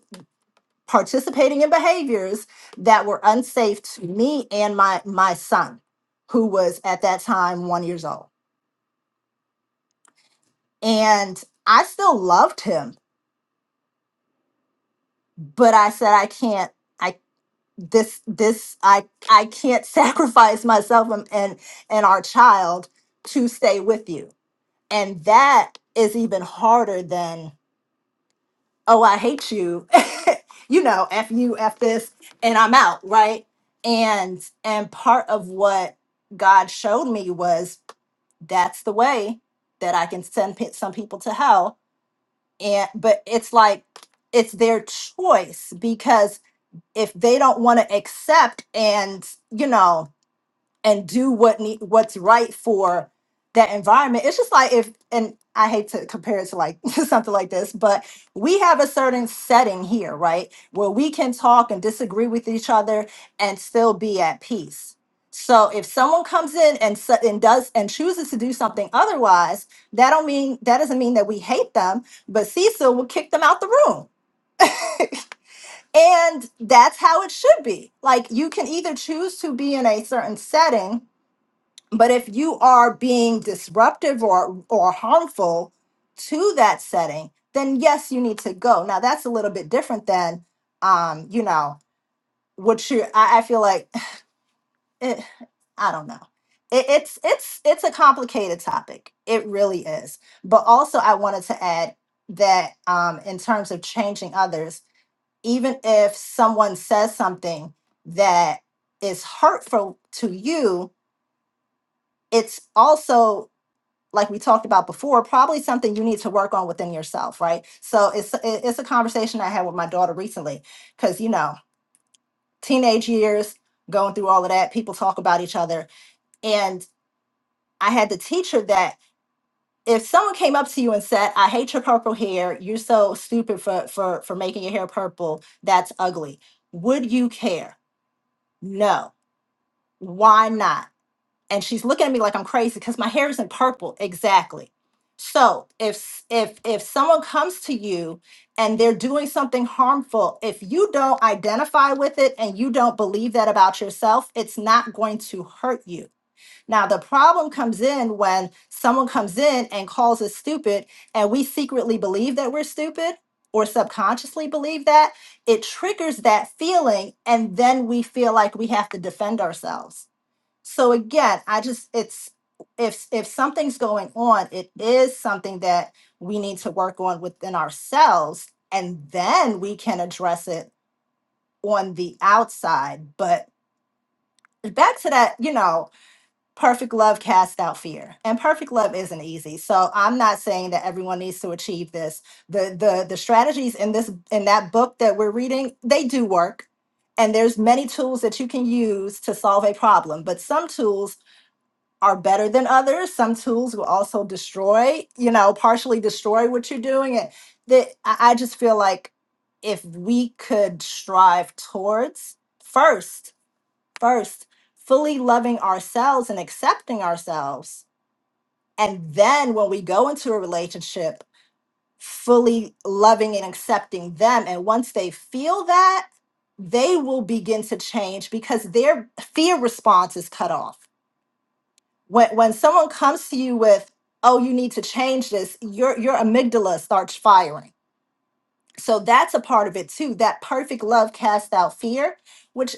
[SPEAKER 4] participating in behaviors that were unsafe to me and my my son who was at that time one years old and I still loved him, but I said I can't. I this this I I can't sacrifice myself and and, and our child to stay with you, and that is even harder than oh I hate you, you know f you f this and I'm out right and and part of what God showed me was that's the way that I can send pe- some people to hell and but it's like it's their choice because if they don't want to accept and you know and do what need what's right for that environment. It's just like if and I hate to compare it to like something like this, but we have a certain setting here, right? Where we can talk and disagree with each other and still be at peace. So if someone comes in and s- and does and chooses to do something otherwise, that don't mean that doesn't mean that we hate them, but Cecil will kick them out the room. And that's how it should be. Like you can either choose to be in a certain setting but if you are being disruptive or or harmful to that setting, then yes, you need to go. Now that's a little bit different than, um, you know, what you. I, I feel like it, I don't know. It, it's it's it's a complicated topic. It really is. But also, I wanted to add that um, in terms of changing others, even if someone says something that is hurtful to you, it's also like we talked about before, probably something you need to work on within yourself, right? So it's it- it's a conversation I had with my daughter recently because you know teenage years, going through all of that, people talk about each other, and I had to teach her that if someone came up to you and said, "I hate your purple hair. You're so stupid for for for making your hair purple. That's ugly." Would you care? No. Why not? and she's looking at me like I'm crazy because my hair isn't purple exactly. So if if if someone comes to you and they're doing something harmful, if you don't identify with it and you don't believe that about yourself, it's not going to hurt you. Now the problem comes in when someone comes in and calls us stupid and we secretly believe that we're stupid or subconsciously believe that, it triggers that feeling and then we feel like we have to defend ourselves so again i just it's if if something's going on it is something that we need to work on within ourselves and then we can address it on the outside but back to that you know perfect love casts out fear and perfect love isn't easy so i'm not saying that everyone needs to achieve this the the the strategies in this in that book that we're reading they do work and there's many tools that you can use to solve a problem but some tools are better than others. Some tools will also destroy, you know, partially destroy what you're doing. And that I I just feel like if we could strive towards first, first, fully loving ourselves and accepting ourselves. And then when we go into a relationship, fully loving and accepting them. And once they feel that, they will begin to change because their fear response is cut off when when someone comes to you with oh you need to change this your your amygdala starts firing so that's a part of it too that perfect love casts out fear which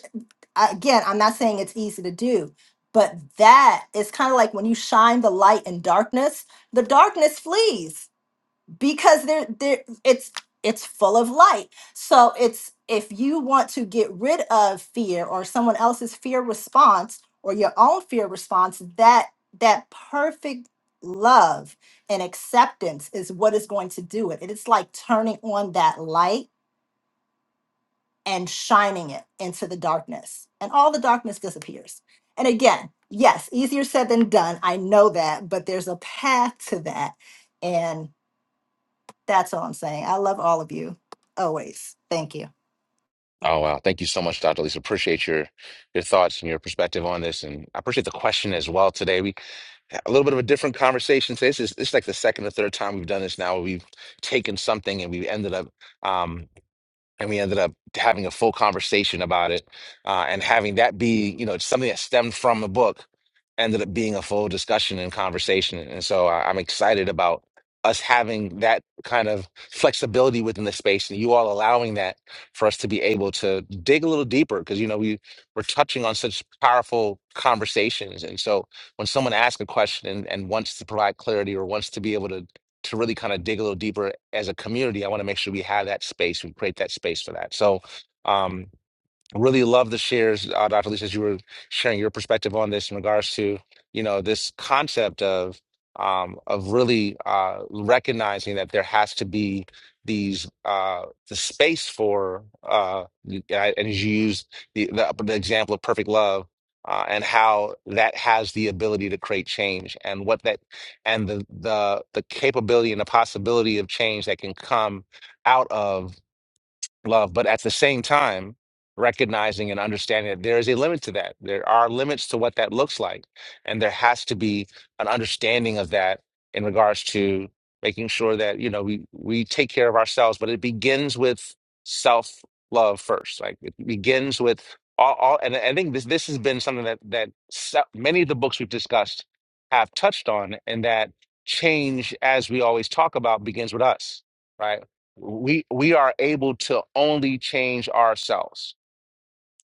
[SPEAKER 4] I- again i'm not saying it's easy to do but that is kind of like when you shine the light in darkness the darkness flees because there there it's it's full of light so it's if you want to get rid of fear or someone else's fear response or your own fear response that that perfect love and acceptance is what is going to do it it's like turning on that light and shining it into the darkness and all the darkness disappears and again yes easier said than done i know that but there's a path to that and. That's all I'm saying. I love all of you always. Thank you.
[SPEAKER 1] Oh wow, thank you so much, Dr. Lisa. Appreciate your your thoughts and your perspective on this, and I appreciate the question as well today. We. a little bit of a different conversation. So this is this is like the second or third time we've done this now. where We've taken something and we've ended up um, and we ended up having a full conversation about it uh, and having that be you know something that stemmed from the book ended up being a full discussion and conversation and so I, i'm excited about us having that kind of flexibility within the space and you all allowing that for us to be able to dig a little deeper because you know we we're touching on such powerful conversations and so when someone asks a question and, and wants to provide clarity or wants to be able to to really kind of dig a little deeper as a community, I want to make sure we have that space, we create that space for that. So, um, really love the shares, uh, Dr. Lisa, as you were sharing your perspective on this in regards to, you know, this concept of um, of really uh, recognizing that there has to be these uh, the space for uh, and I- and as you use the, the uh, the example of perfect love. Uh, and how that has the ability to create change, and what that, and the the the capability and the possibility of change that can come out of love, but at the same time, recognizing and understanding that there is a limit to that. There are limits to what that looks like. And there has to be an understanding of that in regards to making sure that, you know, we we take care of ourselves, but it begins with self-love first. Like it begins with all, all and I think this this has been something that that se- many of the books we've discussed have touched on and that change as we always talk about begins with us right we we are able to only change ourselves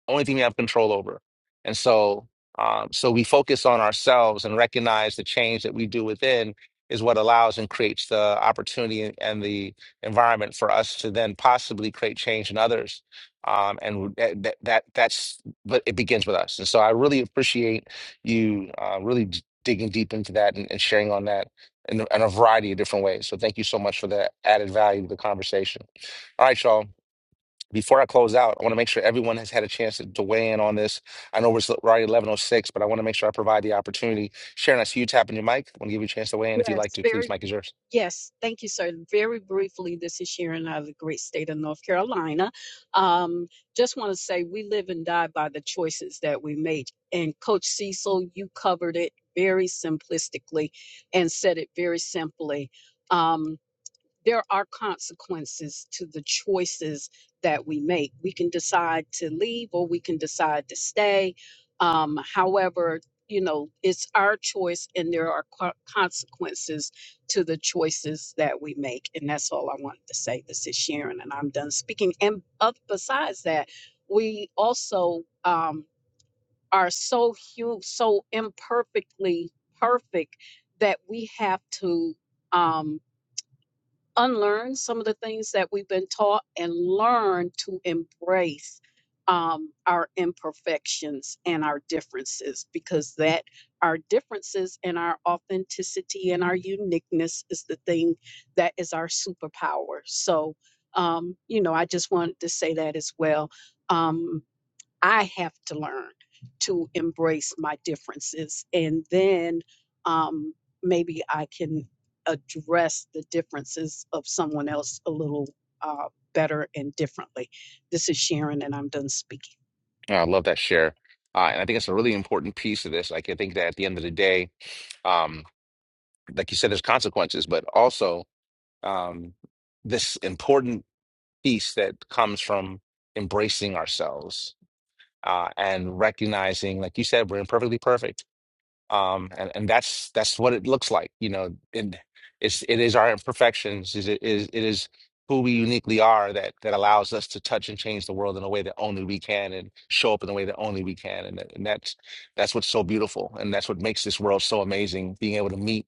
[SPEAKER 1] only thing we have control over. And so, um, so we focus on ourselves and recognize the change that we do within is what allows and creates the opportunity and the environment for us to then possibly create change in others. Um, and that, that that's but it begins with us. And so I really appreciate you uh, really d- digging deep into that and, and sharing on that in, in a variety of different ways. So thank you so much for the added value to the conversation. All right, y'all before I close out, I want to make sure everyone has had a chance to, to weigh in on this. I know we're s- we're already 1106, but I want to make sure I provide the opportunity. Sharon, I see you tapping your mic. I want to give you a chance to weigh in if you'd like
[SPEAKER 5] Yes,
[SPEAKER 1] to.
[SPEAKER 5] very
[SPEAKER 1] Please, mic is yours.
[SPEAKER 5] Yes, thank you, sir. Very briefly, this is Sharon out of the great state of North Carolina. Um, just want to say we live and die by the choices that we make. And Coach Cecil, you covered it very simplistically and said it very simply. Um, there are consequences to the choices that we make. We can decide to leave or we can decide to stay. Um, however, you know, it's our choice and there are co- consequences to the choices that we make. And that's all I wanted to say. This is Sharon and I'm done speaking. And uh, besides that, we also um, are so hu- so imperfectly perfect that we have to um, unlearn some of the things that we've been taught and learn to embrace um, our imperfections and our differences because that our differences and our authenticity and our uniqueness is the thing that is our superpower so um, you know i just wanted to say that as well Um, I have to learn to embrace my differences, and then um, maybe I can address the differences of someone else a little uh, better and differently. This is Sharon, and I'm done speaking.
[SPEAKER 1] Yeah, I love that share. Uh, and I think it's a really important piece of this. Like, I think that at the end of the day, um, like you said, there's consequences, but also um, this important piece that comes from embracing ourselves uh, and recognizing, like you said, we're imperfectly perfect um and, and that's that's what it looks like you know and it's it is our imperfections is it is it is who we uniquely are that that allows us to touch and change the world in a way that only we can and show up in a way that only we can and, that- and that's that's what's so beautiful and that's what makes this world so amazing being able to meet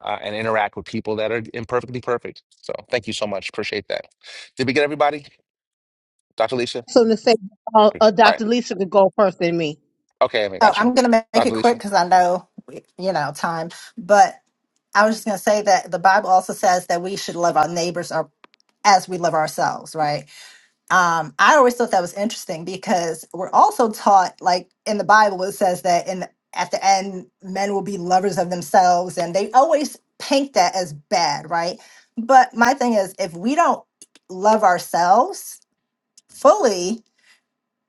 [SPEAKER 1] uh, and interact with people that are imperfectly perfect so thank you so much appreciate that did we get everybody dr lisa
[SPEAKER 2] So to say, uh,
[SPEAKER 1] all
[SPEAKER 2] uh,
[SPEAKER 1] right
[SPEAKER 2] Dr. Lisa could go first than me.
[SPEAKER 1] okay i
[SPEAKER 4] Oh,
[SPEAKER 1] got you
[SPEAKER 4] I'm going to make
[SPEAKER 1] dr
[SPEAKER 4] it quick
[SPEAKER 1] lisa
[SPEAKER 4] because I know, you know, time. But I was just going to say that the Bible also says that we should love our neighbors or as we love ourselves, right? Um, I always thought that was interesting because we're also taught, like in the Bible, it says that in at the end, men will be lovers of themselves, and they always paint that as bad, right? But my thing is, if we don't love ourselves fully,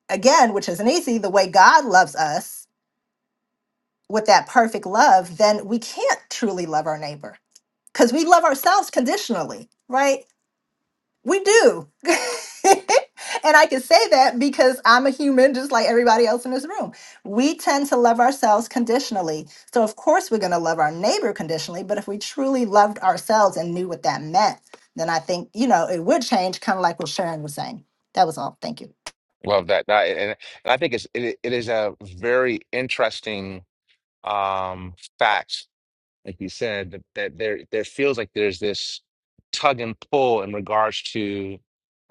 [SPEAKER 4] again, which is an easy, the way God loves us with that perfect love, then we can't truly love our neighbor because we love ourselves conditionally, right? We do. and I can say that because I'm a human just like everybody else in this room. We tend to love ourselves conditionally. So, of course, we're going to love our neighbor conditionally. But if we truly loved ourselves and knew what that meant, then I think, you know, it would change, kind of like what Sharon was saying. That was all. Thank you.
[SPEAKER 1] Love that. That and, and I think it's it, it is a very interesting um fact like you said, that, that there there feels like there's this tug and pull in regards to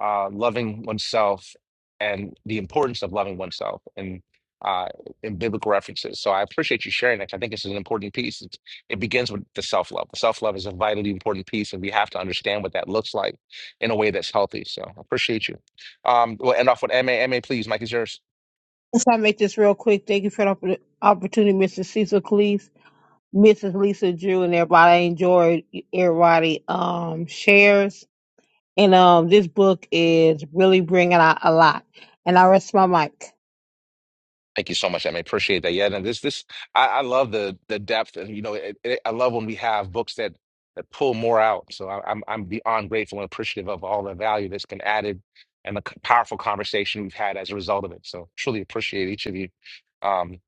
[SPEAKER 1] uh, loving oneself and the importance of loving oneself and uh, in biblical references. So I appreciate you sharing that. I think it's an important piece. It, it begins with the self love. Self love is a vitally important piece, and we have to understand what that looks like in a way that's healthy. So I appreciate you. Um, we'll end off with M A M A, please. Mike is yours.
[SPEAKER 2] Let's I make this real quick. Thank you for the oppor- opportunity, Mr. Cecil Cleese, Mrs. Lisa Drew, and everybody. I enjoyed e-, everybody um, shares. And um, this book is really bringing out a lot. And I rest my mic.
[SPEAKER 1] Thank you so much. Em. I appreciate that. Yeah, and this this I, I love the the depth, and you know, it, it, I love when we have books that that pull more out. So I, I'm I'm beyond grateful and appreciative of all the value that's been added and the c- powerful conversation we've had as a result of it. So truly appreciate each of you, um,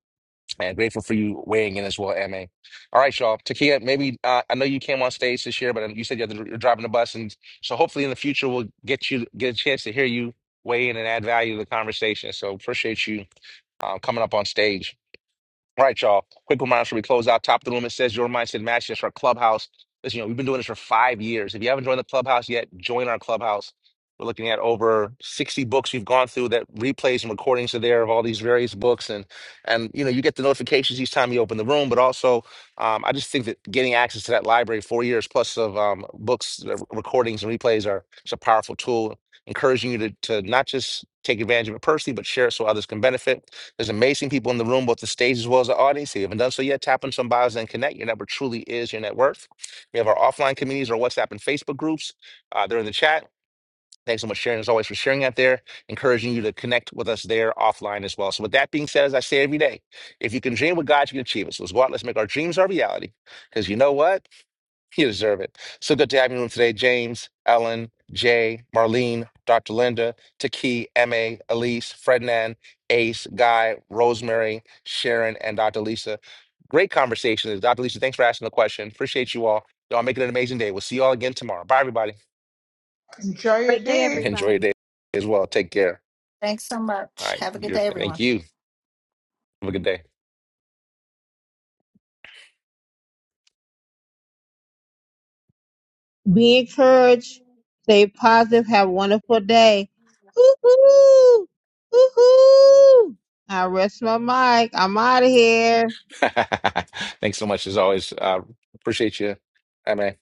[SPEAKER 1] and grateful for you weighing in as well, Ma. All right, y'all. Takia, maybe uh, I know you came on stage this year, but um, you said you had to, you're driving the bus, and so hopefully in the future we'll get you get a chance to hear you weigh in and add value to the conversation. So appreciate you um, coming up on stage. All right, y'all. Quick reminder before we close out. Top of the room, it says Your Mindset Matches. That's our clubhouse. Listen, you know, we've been doing this for five years. If you haven't joined the clubhouse yet, join our clubhouse. We're looking at over 60 books we've gone through that replays and recordings are there of all these various books. And, and you know, you get the notifications each time you open the room. But also, um, I just think that getting access to that library, four years plus of um, books, uh, recordings, and replays are it's a powerful tool, encouraging you to, to not just take advantage of it personally, but share it so others can benefit. There's amazing people in the room, both the stage as well as the audience. If you haven't done so yet, tap on some bios and connect. Your network truly is your net worth. We have our offline communities, our WhatsApp and Facebook groups. Uh, they're in the chat. Thanks so much, Sharon, as always, for sharing out there, encouraging you to connect with us there offline as well. So, with that being said, as I say every day, if you can dream with God, you can achieve it. So, let's go out, let's make our dreams our reality. Because you know what? You deserve it. So good to have you in the room today, James, Ellen, Jay, Marlene, Dr. Linda, Taki, Emma, Elise, Frednan, Ace, Guy, Rosemary, Sharon, and Dr. Lisa. Great conversation. Dr. Lisa, thanks for asking the question. Appreciate you all. Y'all make it an amazing day. We'll see you all again tomorrow. Bye, everybody.
[SPEAKER 6] Enjoy your
[SPEAKER 5] Great day,
[SPEAKER 6] day.
[SPEAKER 1] Enjoy your
[SPEAKER 5] everybody.
[SPEAKER 1] day as well. Take care.
[SPEAKER 4] Thanks so
[SPEAKER 1] All
[SPEAKER 4] much.
[SPEAKER 1] right.
[SPEAKER 4] Have a good
[SPEAKER 1] You're,
[SPEAKER 4] day, everyone.
[SPEAKER 1] thank you. Have a good day.
[SPEAKER 2] Be encouraged. Stay positive. Have a wonderful day. Woo-hoo! Woo-hoo! I rest my mic. I'm out of here.
[SPEAKER 1] thanks so much as always. Uh, appreciate you, Emma.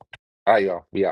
[SPEAKER 1] All right, y'all. We out.